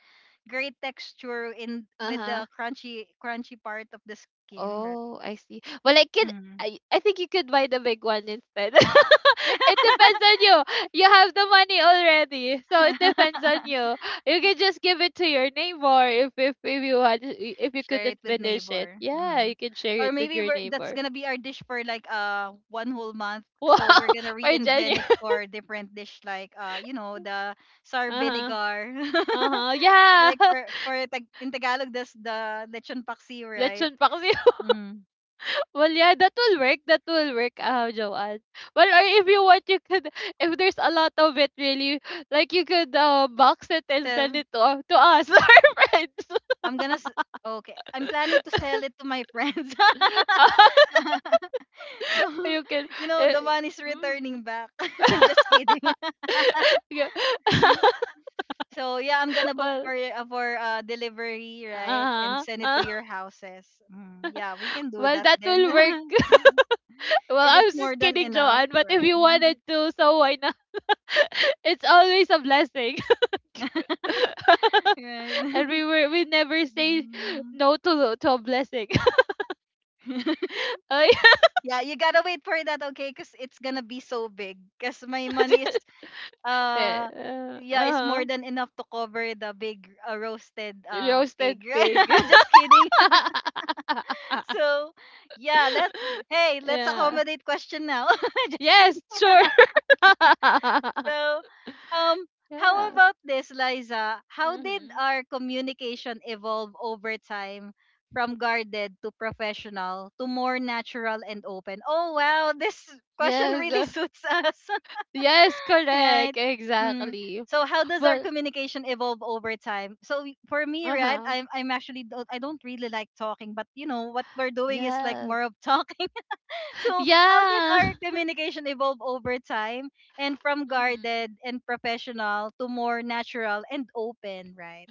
A: great texture in with
B: Uh-huh.
A: the crunchy crunchy part of the skin, right?
B: Oh, I see. Well, I could,
A: Mm.
B: I think you could buy the big one instead. It depends on you. You have the money already, so it depends on you. You can just give it to your neighbor if you had, if you
A: Share
B: couldn't
A: it with
B: finish it.
A: neighbor.
B: Yeah, you can share
A: Or
B: it with
A: maybe
B: your
A: we're that's
B: neighbor.
A: gonna be our dish for like one whole month.
B: Wow,
A: So we're gonna
B: for
A: reinvent
B: genuine.
A: it for different dish, like the sour
B: Uh huh.
A: vinegar.
B: Uh huh. Yeah.
A: Like in Tagalog, that's the lechon paksi, right?
B: Lechon paksi.
A: Mm.
B: Well, yeah, that will work. That will work, Joanne. Well, or if you want, you could, if there's a lot of it, really, like you could box it and send
A: So
B: it to us, our friends.
A: I'm gonna s- okay. I'm planning to sell it to my friends.
B: Uh,
A: So,
B: you can.
A: you know,
B: Uh,
A: the money's
B: mm.
A: returning back. Just kidding.
B: Yeah.
A: So yeah, I'm gonna book
B: well,
A: for delivery, right, and
B: uh-huh.
A: send it to
B: Uh,
A: your houses. Mm, yeah, we can do
B: well,
A: that
B: that
A: then.
B: will work. Well,
A: If
B: I
A: it's
B: was
A: more
B: just
A: than
B: kidding,
A: enough,
B: Joanne, but if
A: right?
B: you wanted to, so why not? It's always a blessing.
A: Right.
B: and we were we never say
A: Mm.
B: no to a blessing. Oh,
A: Yeah, you gotta wait for that, okay? Cause it's gonna be so big. Cause my money is, uh
B: yeah, uh
A: yeah, it's
B: huh.
A: more than enough to cover the big roasted
B: Roasted
A: pig, right?
B: pig.
A: Just kidding. So yeah, let's
B: Yeah.
A: accommodate question now. Just kidding.
B: Yes, sure.
A: So, um how
B: Yeah.
A: about this, Liza, how did
B: hmm
A: our communication evolve over time, from guarded to professional to more natural and open? Oh wow, this question
B: Yes.
A: really suits us,
B: Yes,
A: right?
B: correct.
A: Mm.
B: Exactly.
A: So how does our
B: Well,
A: communication evolve over time? So for me,
B: uh
A: right,
B: huh.
A: I don't really like talking, but you know what we're doing is like
B: Yes.
A: more of talking. So how did
B: Yeah.
A: our communication evolve over time, and from
B: hmm
A: guarded and professional to more natural and open, right?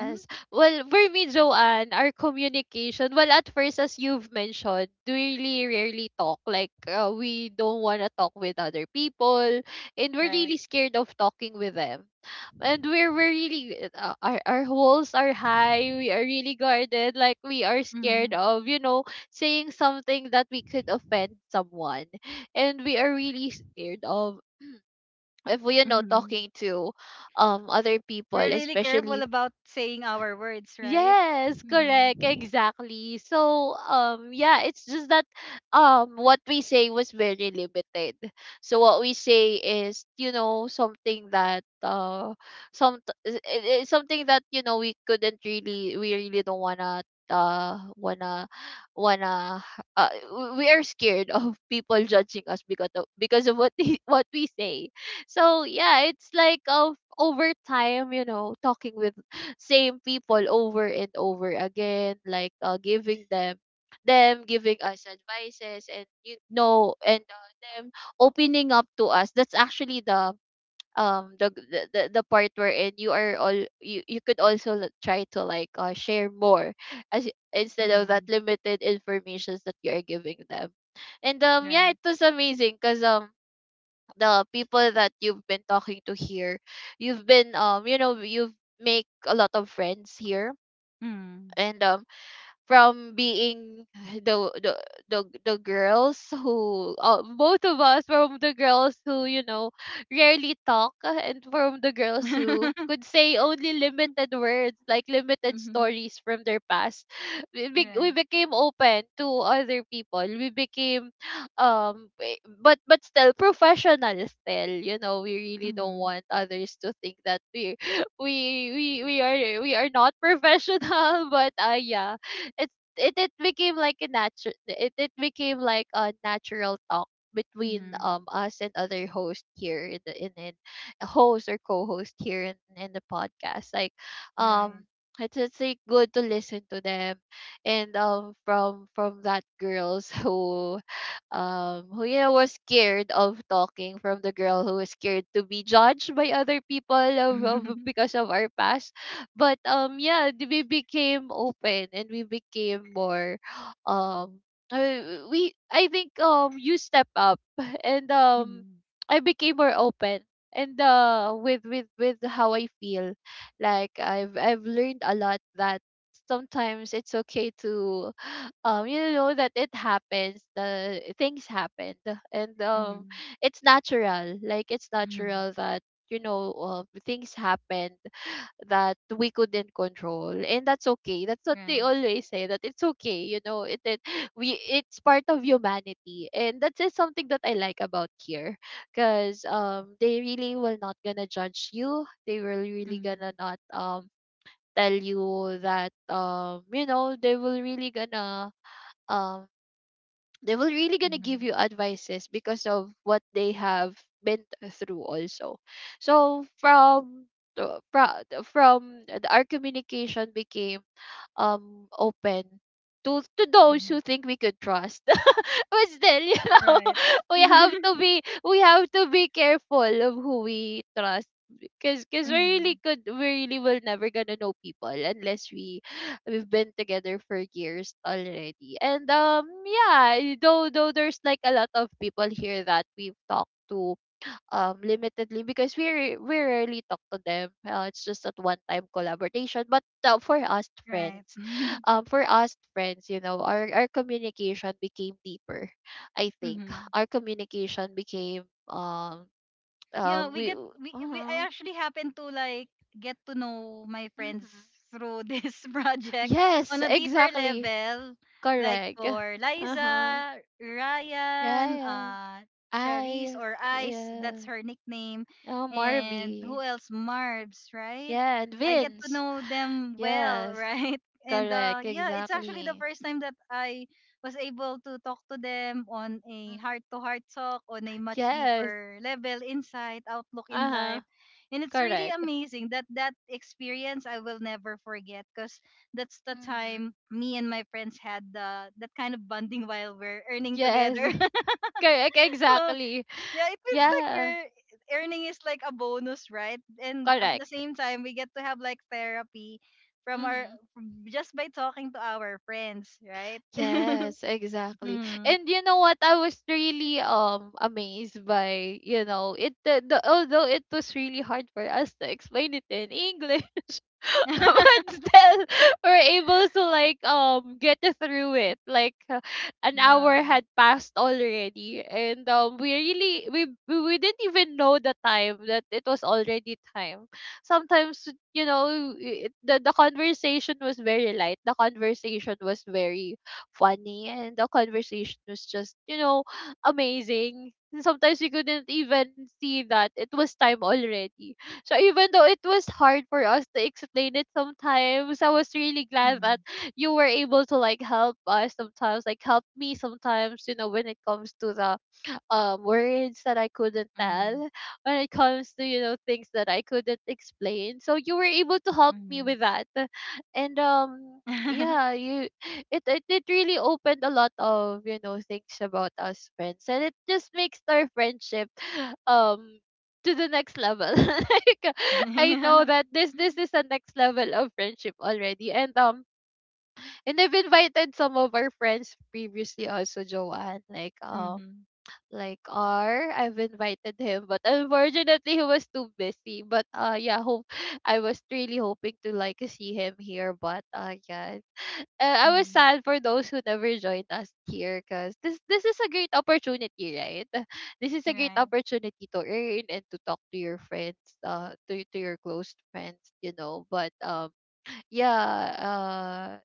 A: Mm-hmm,
B: Well, for me, Joanne, our communication, well, at first, as you've mentioned, we really rarely talk. Like, we don't want to talk with other people, and we're
A: right.
B: really scared of talking with them. And we're really, our walls are high, we are really guarded, like, we are scared
A: Mm-hmm,
B: of, you know, saying something that we could offend someone. And we are really scared of, if we, you know,
A: mm-hmm.
B: talking to other people
A: We're really careful
B: especially.
A: about saying our words, right?
B: Yes, correct,
A: Mm-hmm,
B: exactly. So, yeah, it's just that, what we say was very limited. So what we say is, you know, something that, some, it's something that you know we couldn't really, we really don't wanna, uh, wanna, wanna, we are scared of people judging us because of what they, what we say. So yeah, it's like of over time, you know, talking with same people over and over again like giving them giving us advices and you know and them opening up to us. That's actually the the part wherein you are all you could also try to like share more as instead of that
A: mm-hmm,
B: limited informations that you are giving them. And yeah,
A: right.
B: it was amazing because the people that you've been talking to here you've been you know you've make a lot of friends here.
A: Mm.
B: And from being the the the girls who both of us, from the girls who you know rarely talk, and from the girls who could say only limited words, like limited
A: Mm-hmm.
B: stories from their past, we, we
A: Right.
B: became open to other people. We became but still professional, still, you know, we really don't
A: Mhm.
B: want others to think that we we are not professional but yeah it it became like a natural, it became like a natural talk between
A: Mhm.
B: us and other hosts here in the in host or co-host here in the podcast, like
A: You're right.
B: um it's like good to listen to them. And from that girls who you know was scared of talking, from the girl who was scared to be judged by other people of because of our past. But yeah, we became open and we became more um we, I think you step up and
A: Mhm.
B: I became more open and with with how I feel. Like I've learned a lot that sometimes it's okay to you know, that it happens, the things happened. And
A: Mhm.
B: it's natural, like it's
A: Mhm.
B: natural that you know, things happened that we couldn't control, and that's okay. That's what they
A: Mhm.
B: always say, that it's okay, you know, it's part of humanity. And that's just something that I like about here, because they really will not gonna judge you, they will really gonna not tell you that you know they will really gonna um they will really gonna give you advices because of what they have been through also. So from our communication became open to those who think we could trust. But still, you know,
A: Right.
B: we
A: Mhm. Mhm. Mhm.
B: have to
A: Right.
B: be we have to be careful of who we trust, because we really
A: Mhm.
B: could we really will never gonna know people unless we we've been together for years already. And yeah, though there's like a lot of people here that we've talked to limitedly, because we we rarely talk to them. It's just at one time collaboration. But for us
A: Right.
B: friends, for us friends, you know, our communication became deeper. I think
A: Mhm.
B: our communication became
A: Yeah, we get
B: we
A: we I
B: uh,
A: actually happen to like get to know my friends
B: Mm-hmm.
A: through this project
B: Yes,
A: on a deeper
B: exactly.
A: level. Like
B: Correct.
A: for
B: Uh huh.
A: Liza, Ryan,
B: Yeah.
A: Charisse,
B: I.
A: or Ice,
B: Yeah.
A: that's her nickname.
B: Oh,
A: And
B: Marby.
A: who else? Marbs, right?
B: Yeah, and
A: I get to
B: Vince.
A: know them well,
B: Yes.
A: right? And,
B: Correct,
A: yeah, it's actually the
B: exactly.
A: first time that I was able to talk to them on a
B: Mhm.
A: heart to heart talk on a much
B: Yes.
A: deeper level, insight, outlook in life.
B: Uh-huh.
A: And it's really
B: Correct.
A: amazing that that experience I will never forget, because that's the
B: Mhm.
A: time me and my friends had that kind of bonding, while we're earning
B: Yes.
A: together.
B: Correct,
A: So
B: exactly.
A: yeah, it feels like
B: Yeah,
A: we're earning is like a bonus, right? And at the
B: correct.
A: same time, we get to have like therapy from our
B: Mhm.
A: just by talking to our friends, right?
B: Yes, exactly.
A: Hmm.
B: And you know what? I was really amazed by, you know, it the although it was really hard for us to explain it in English, but still we're able to like get through it. Like an
A: Yeah.
B: hour had passed already and we really we didn't even know the time, that it was already time. Sometimes, you know, the conversation was very light. The conversation was very funny, and the conversation was just, you know, amazing. And sometimes we couldn't even see that it was time already. So even though it was hard for us to explain it sometimes, I was really glad that
A: Mhm.
B: you were able to like help us sometimes, like help me sometimes, you know, when it comes to the words that I couldn't
A: Mhm.
B: tell, when it comes to you know things that I couldn't explain. So you were able to help me
A: Mhm.
B: with that, and yeah you it, it it really opened a lot of you know things about us friends, and it just makes our friendship um to the next level. Like I know
A: Yeah.
B: that this is a next level of friendship already. And and I've invited some of our friends previously also, Joanne.
A: Mhm.
B: Like R, I've invited him, but unfortunately he was too busy. But yeah, hope I was really hoping to like see him here, but yeah. I was
A: Mhm.
B: sad for those who never joined us here, because this is a great opportunity, right? This is a great
A: Right.
B: opportunity to earn and to talk to your friends, to your close friends, you know. But yeah, uh,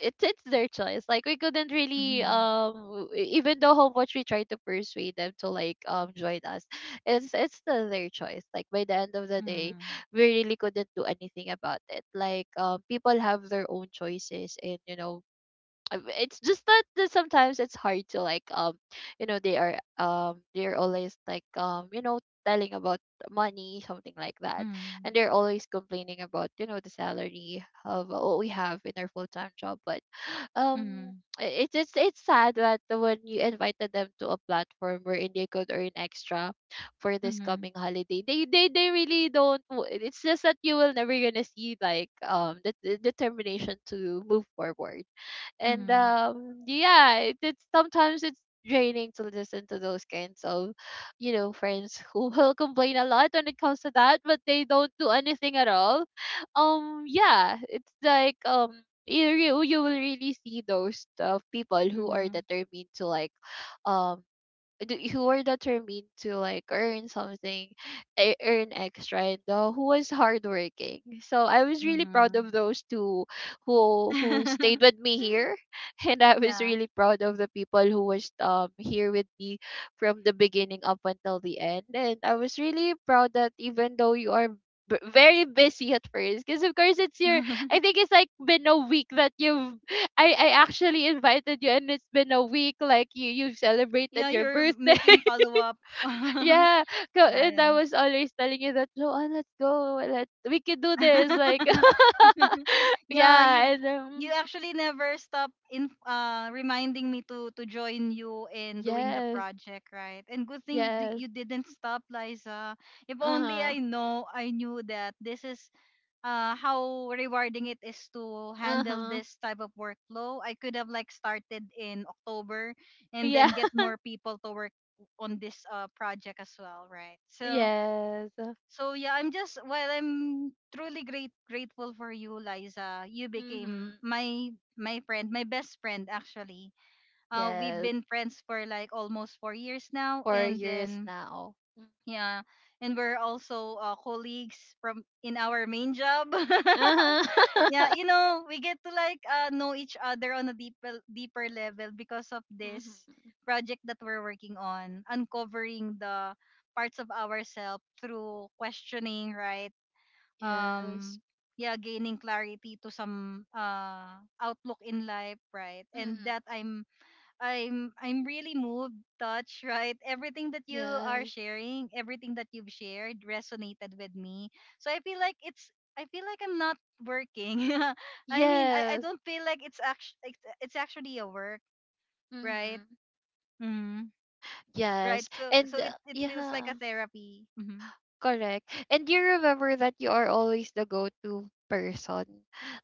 B: it's their choice. Like we couldn't really
A: Mhm.
B: even though how much we try to persuade them to like join us, it's still their choice. Like, by the end of the day, we really couldn't do anything about it. Like people have their own choices, and you know it's just that that sometimes it's hard to like you know they are they're always like you know telling about money, something like that. And
A: Mhm.
B: they're always complaining about you know the salary of what we have in our full-time job. But um
A: Mhm.
B: it's sad that when you invited them to a platform wherein they could earn extra for this
A: Mhm.
B: coming holiday, they they really don't it's just that you will never gonna see like the determination to move forward. And
A: Mhm.
B: yeah, it's sometimes it's draining to listen to those kinds of you know friends who will complain a lot when it comes to that but they don't do anything at all. Um, yeah, it's like you will really see those people
A: Mhm.
B: who are
A: Mhm.
B: determined to like um who are determined to like earn something, earn extra, and who was hardworking. So I was really proud
A: Mhm.
B: of those two who stayed with me here, and I was
A: Yeah.
B: really proud of the people who was here with me from the beginning up until the end. And I was really proud that, even though you are very busy at first, because of course it's your I think it's like been a week that you've I actually invited you and it's been a week like you've celebrated
A: Yeah,
B: your
A: you're
B: birthday.
A: making follow-up.
B: Yeah. Go,
A: Yeah,
B: and
A: yeah.
B: I was always telling you that, Joanne, let's go. Let we can do this like
A: Yeah, you
B: Yeah, and
A: you actually never stop in reminding me to join you in doing the
B: yes.
A: project, right? And good thing
B: Yes.
A: you didn't stop, Liza. If only
B: Uh-huh.
A: I knew that this is how rewarding it is to handle
B: Uh-huh.
A: this type of workflow, I could have like started in October and
B: Yeah.
A: then get more people to work on this project as well, right? So
B: Yes.
A: so yeah, I'm just well, I'm truly great grateful for you, Liza. You became
B: Mhm.
A: my friend, my best friend actually. We've
B: Yes.
A: been friends for like almost 4 years now,
B: 4
A: and
B: years
A: then
B: now. Mm.
A: yeah, and we're also, colleagues from in our main job.
B: Uh-huh.
A: Yeah, we get to like know each other on a deeper deeper level because of
B: mhm.
A: this project that we're working on, uncovering the parts of ourselves through questioning, right?
B: Yes.
A: um yeah, gaining clarity to some outlook in life, right? And
B: Mhm.
A: that I'm really moved, touched, right? Everything that you are
B: Yes.
A: sharing, everything that you've shared, resonated with me. So I feel like I'm not working. I mean, I
B: Yes.
A: don't feel like it's actually a work, right?
B: Mm-hmm.
A: Hmm. Right,
B: Yes.
A: so
B: And
A: so it feels like
B: yeah,
A: a therapy. Hmm.
B: correct. And do you remember that you are always the go-to person?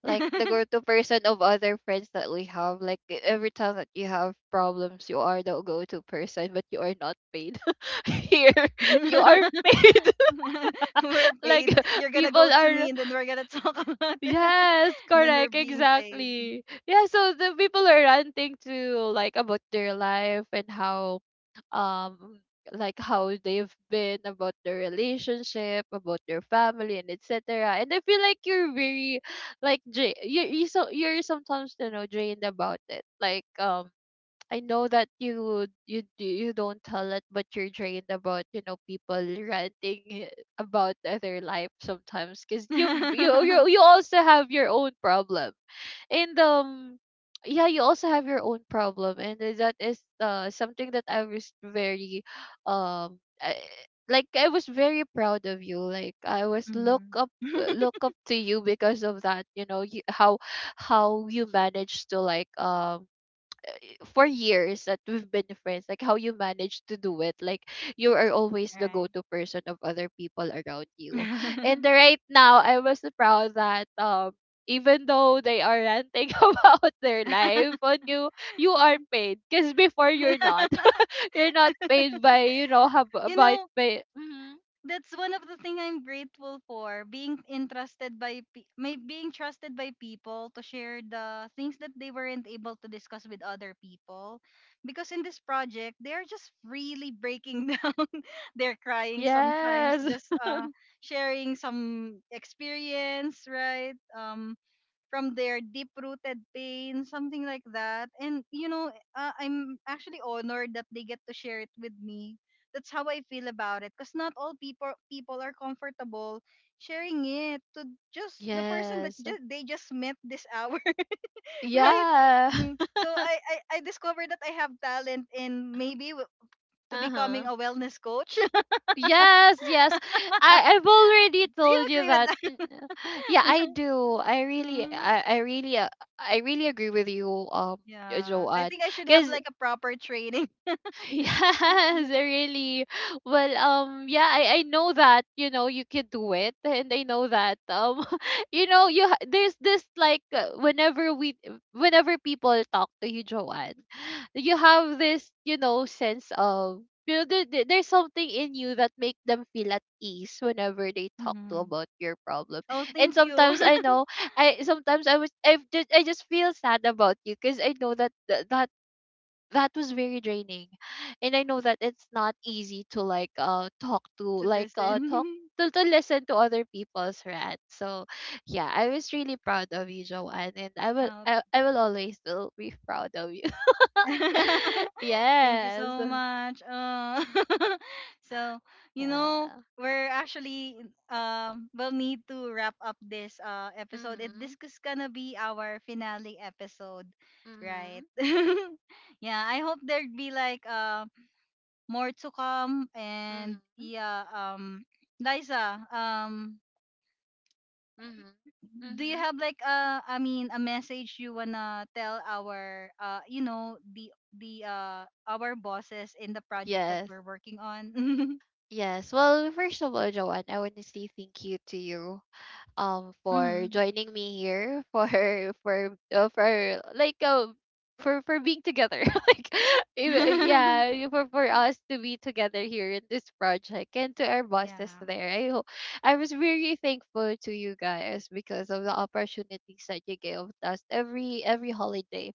B: Like the go-to person of other friends that we have. Like every time that you have problems, you are the go-to person, but you are not paid. Here, you are paid.
A: We're
B: Like
A: paid. You're gonna
B: people
A: go to
B: are
A: me, and then we're gonna talk about it.
B: Yes,
A: And then we're
B: correct,
A: being paid.
B: exactly. Yeah, so the people are ranting to like about their life and how um like how they've been, about their relationship, about their family and etc. And I feel like you're very like you're sometimes you know drained about it. Like I know that you do you don't tell it, but you're drained about, you know, people ranting about their life sometimes, because you you also have your own problem. And yeah, you also have your own problem. And that is something that I was very um I, like I was very proud of you. Like I was
A: Mhm.
B: look up to you because of that, you know how you managed to like for years that we've been friends, like how you manage to do it. Like you are always the
A: Right.
B: go-to person of other people around you. And right now, I was proud that even though they are ranting about their life on you, you are paid. Because before you're not. You're not paid by, you know,
A: You know,
B: by Mhm.
A: that's one of the thing I'm grateful for, being entrusted by may being trusted by people to share the things that they weren't able to discuss with other people, because in this project, they are just really breaking down, they're crying sometimes,
B: Yes.
A: just sharing some experience, right? From their deep rooted pain, something like that. And, you know, I'm actually honored that they get to share it with me. That's how I feel about it. Because not all people are comfortable sharing it to just the person that
B: Yes.
A: they just met this hour, right?
B: Yeah.
A: Mm. So I discovered that I have talent in, maybe, to becoming
B: Uh-huh.
A: a wellness coach.
B: Yes, yes. I I've already
A: Do you
B: told you
A: agree with
B: that.
A: that?
B: Yeah, I do.
A: Mm,
B: I really agree with you,
A: yeah. I
B: Joanne.
A: think I should have
B: Cuz
A: like a proper training.
B: Yes, really. Well, yeah, I know that, you know, you can do it. And I know that, you know, there's this like whenever we whenever people talk to you, Joanne, you have this, you know, sense of, you know, there's something in you that make them feel at ease whenever they talk to
A: Mm-hmm.
B: about your problem.
A: Oh,
B: And
A: thank you.
B: sometimes I know I sometimes I was I just feel sad about you, because I know that that that was very draining. And I know that it's not easy to like
A: To
B: talk
A: listen.
B: to listen to other people's rant. So yeah, I was really proud of you, Joanne, and
A: Out.
B: I will always will be proud of you.
A: Thank you
B: Yes.
A: so much. So, you know,
B: Yeah.
A: we're actually we'll need to wrap up this episode. It
B: Mm-hmm.
A: This is gonna be our finale episode, right?
B: Mm-hmm.
A: Yeah, I hope there'd be like more to come. And
B: Mm-hmm.
A: yeah, Liza,
B: Mm-hmm.
A: do you
B: Mm-hmm.
A: have like I mean a message you wanna tell our you know the our bosses in the project that
B: Yes.
A: we're working on?
B: Yes. Well, first of all, Joanne, I want to say thank you to you, for
A: Mhm.
B: joining me here, for for like for being together like
A: Yeah.
B: yeah, for us to be together here in this project. And to our bosses there, I hope I was very thankful to you guys because of the opportunities that you gave us every holiday.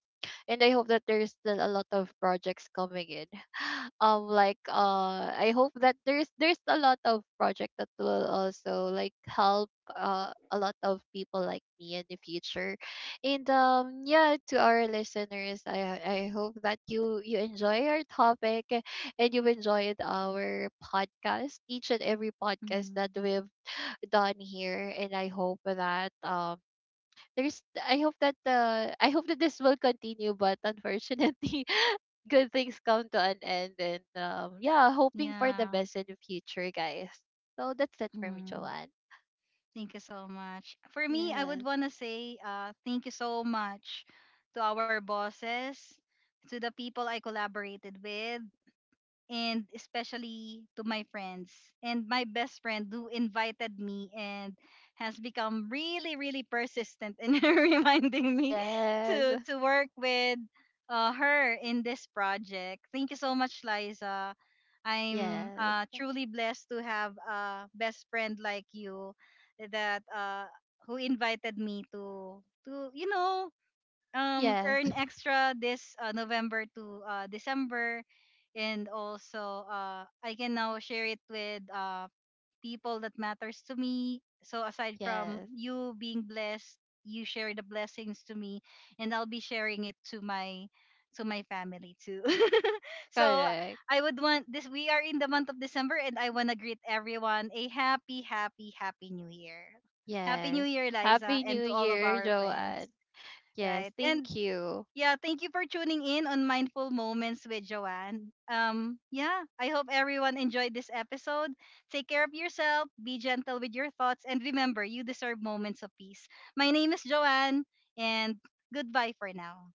B: And I hope that there's still a lot of projects coming in, like I hope that there's a lot of project that will also like help a lot of people like me in the future. And yeah, to our listeners, I hope that you enjoy our topic and you enjoyed our podcast, each and every podcast that
A: Mhm.
B: we've done here. And I hope that there's I hope that this will continue, but unfortunately, good things come to an end. And yeah, hoping for the
A: Yeah.
B: best in the future, guys. So that's it for me,
A: Mhm.
B: Joanne.
A: Thank you so much. For me, I would
B: Yes,
A: wanna say thank you so much to our bosses, to the people I collaborated with, and especially to my friends and my best friend who invited me and has become really really persistent in reminding me
B: yes,
A: to work with her in this project. Thank you so much, Liza. I'm
B: yes,
A: truly blessed to have a best friend like you that who invited me to
B: yes,
A: earn extra this November to December. And also, I can now share it with people that matters to me, so aside from
B: yes.
A: you being blessed, you share the blessings to me, and I'll be sharing it to my family too. So
B: Correct.
A: I would want this, we are in the month of December, and I want to greet everyone a happy happy happy new year. Happy new
B: Yes.
A: year, Liza,
B: Happy New
A: and to all of
B: Year,
A: our
B: Joanne.
A: friends,
B: Yes,
A: right? And
B: thank you.
A: yeah, thank you for tuning in on Mindful Moments with Joanne. Yeah, I hope everyone enjoyed this episode. Take care of yourself, be gentle with your thoughts, and remember, you deserve moments of peace. My name is Joanne, and goodbye for now.